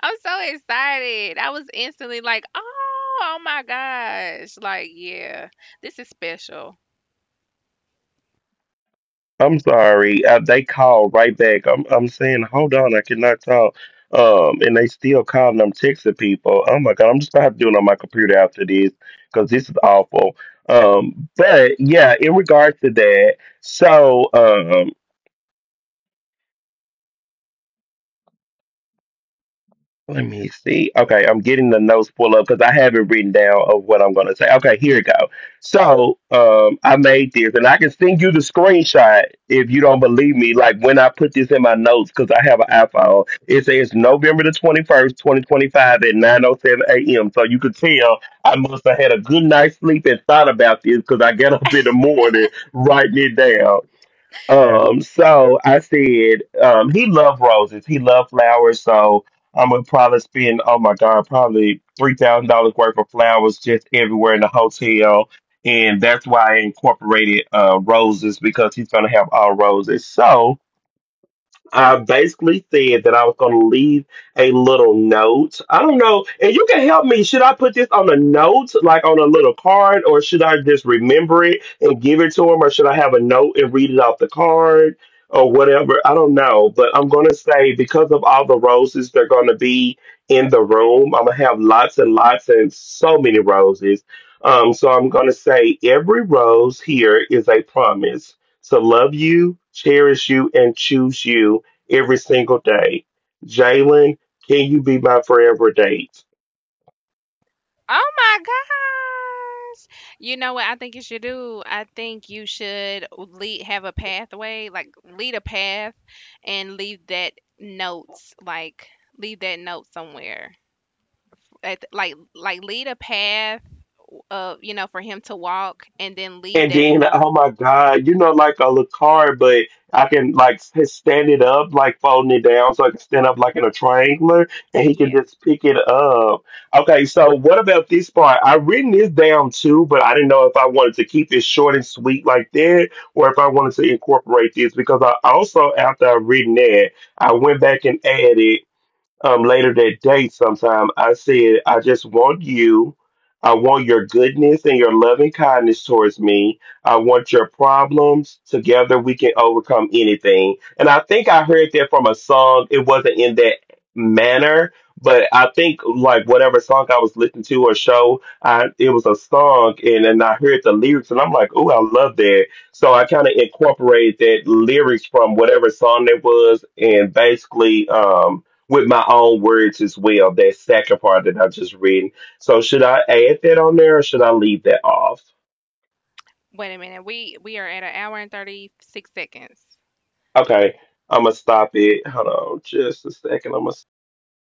S2: I'm so excited. I was instantly like, "Oh, oh my gosh. Like, yeah, this is special.
S1: I'm sorry. They called right back. I'm saying, hold on, I cannot talk. And they still calling. I'm texting people. Oh my God, I'm just gonna have to do it on my computer after this because this is awful. But yeah, in regards to that, so let me see. Okay, I'm getting the notes pulled up because I have it written down of what I'm gonna say. Okay, here you go. So I made this, and I can send you the screenshot if you don't believe me. Like when I put this in my notes because I have an iPhone. It says November the 21st, 2025, at 9:07 a.m. So you could tell I must have had a good night's sleep and thought about this because I got up in the morning writing it down. So I said, he loved roses. He loved flowers. So I'm gonna probably spend, oh my God, probably $3,000 worth of flowers just everywhere in the hotel. And that's why I incorporated roses because he's gonna have all roses. So I basically said that I was going to leave a little note. I don't know. And you can help me. Should I put this on a note, like on a little card, or should I just remember it and give it to him, or should I have a note and read it off the card or whatever? I don't know. But I'm going to say because of all the roses they're going to be in the room, I'm going to have lots and lots and so many roses. So I'm going to say every rose here is a promise to love you, cherish you, and choose you every single day. Jalen, can you be my forever date?
S2: Oh my gosh!" You know what I think you should do? I think you should lead have a pathway, like, lead a path and leave that notes, like, leave that note somewhere. At, lead a path of, for him to walk, and then leave
S1: And
S2: that
S1: then,
S2: note.
S1: oh my God, you know, like a little car, but I can like stand it up, like folding it down, so I can stand up like in a triangular, and he can
S2: Yeah.
S1: just pick it up. Okay, so what about this part? I written this down too, but I didn't know if I wanted to keep it short and sweet like that, or if I wanted to incorporate this because I also, after I written that, I went back and added later that day sometime, I said, I just want you. I want your goodness and your loving kindness towards me. I want your problems. Together we can overcome anything. And I think I heard that from a song. It wasn't in that manner, but I think like whatever song I was listening to or show, I it was a song and I heard the lyrics and I'm like, oh, I love that. So I kind of incorporated that lyrics from whatever song that was and basically with my own words as well, that second part that I just read. So should I add that on there or should I leave that off?
S2: Wait a minute. We are at an hour and 36 seconds.
S1: Okay, I'm gonna stop it. Hold on just a second. I'm gonna